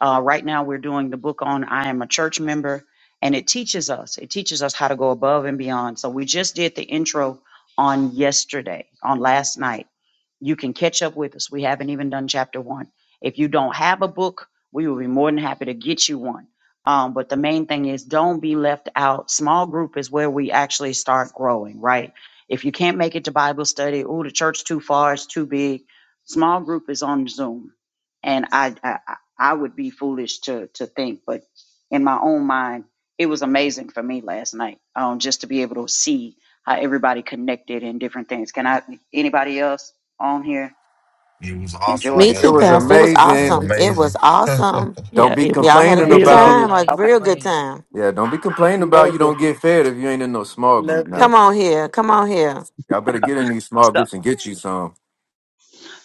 G: Uh, right now, we're doing the book on I Am a Church Member, and it teaches us. It teaches us how to go above and beyond. So we just did the intro on yesterday, on last night you can catch up with us. We haven't even done chapter one. If you don't have a book, we will be more than happy to get you one. Um, but the main thing is don't be left out. Small group is where we actually start growing, right? If you can't make it to Bible study, oh, the church too far, it's too big. Small group is on Zoom, and I I, I I would be foolish to to think, but in my own mind, it was amazing for me last night, um, just to be able to see how everybody connected and different things. Can I? Anybody else? on here
B: It was
G: enjoy.
B: awesome.
D: Me
H: It
B: Yes,
D: too,
H: was
B: ma'am.
D: Pastor. It was
B: It was
H: amazing.
D: awesome. It
B: amazing.
D: was awesome.
H: Don't
K: Yeah,
H: be
K: it was
D: Y'all had a
H: complaining
A: Great
D: good
K: really
A: last
H: about
D: time,
K: good.
D: a
A: night.
G: Okay.
D: real good
A: Great.
D: time.
H: yeah, don't be complaining about you
C: Loved it.
H: don't get fed if you ain't in no small group
C: Loved it.
D: Come
H: now.
D: on here. Come on here.
H: Y'all better get in these
G: So
H: small groups and get you some,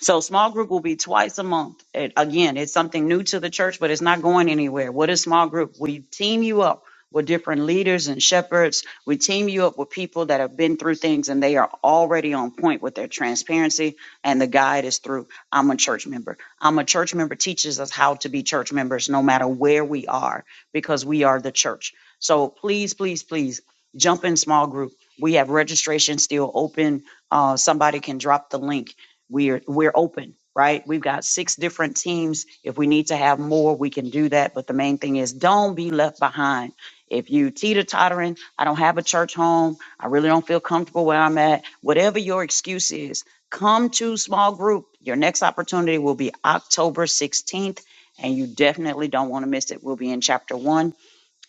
G: So small group will be twice a month. It, again, it's something new to the church, but it's not going anywhere. What is small group? We team you up with different leaders and shepherds. We team you up with people that have been through things and they are already on point with their transparency. And the guide is through I'm a church member. I'm a church member teaches us how to be church members no matter where we are because we are the church. So please, please, please jump in small group. We have registration still open. Uh, somebody can drop the link we're we're open, right? We've got six different teams. If we need to have more, we can do that. But the main thing is don't be left behind. If you teeter tottering, I don't have a church home, I really don't feel comfortable where I'm at, whatever your excuse is, come to small group. Your next opportunity will be October 16th, and you definitely don't want to miss it. We'll be in chapter one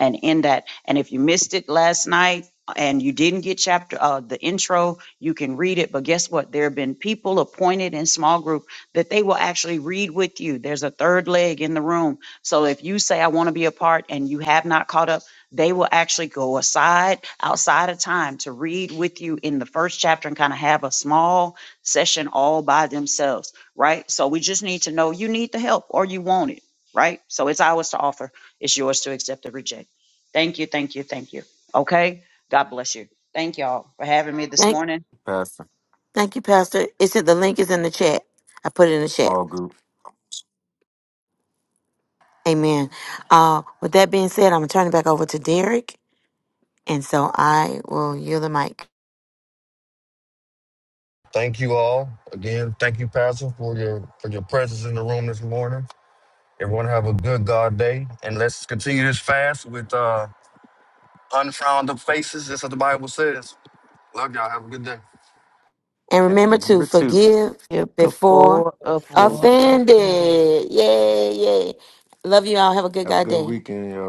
G: and in that and if you missed it last night and you didn't get chapter uh, the intro you can read it but guess what there have been people appointed in small group that they will actually read with you there's a third leg in the room so if you say i want to be a part and you have not caught up they will actually go aside outside of time to read with you in the first chapter and kind of have a small session all by themselves right so we just need to know you need the help or you want it right so it's ours to offer it's yours to accept or reject Thank you, thank you, thank you. Okay? God bless you. Thank y'all for having me this
D: Thank
G: morning.
H: Pastor.
D: thank you, Pastor. It's in the link is in the chat. I put it in the chat.
H: Small group.
D: Amen. Uh with that being said, I'm gonna turn it back over to Derek. And so I will yield the mic.
B: thank you all. Again, thank you, Pastor, for your for your presence in the room this morning. Everyone have a good God day. And let's continue this fast with uh unfrowned up faces. That's what the Bible says. Love y'all. Have a good day.
D: And
H: And
D: remember to
H: number two.
D: forgive
K: Yeah,
D: before
K: before offense.
A: For offended.
D: offended. Yay, yay. Love you all. Have a good
H: Have a
D: God
H: good
D: day.
H: weekend, y'all.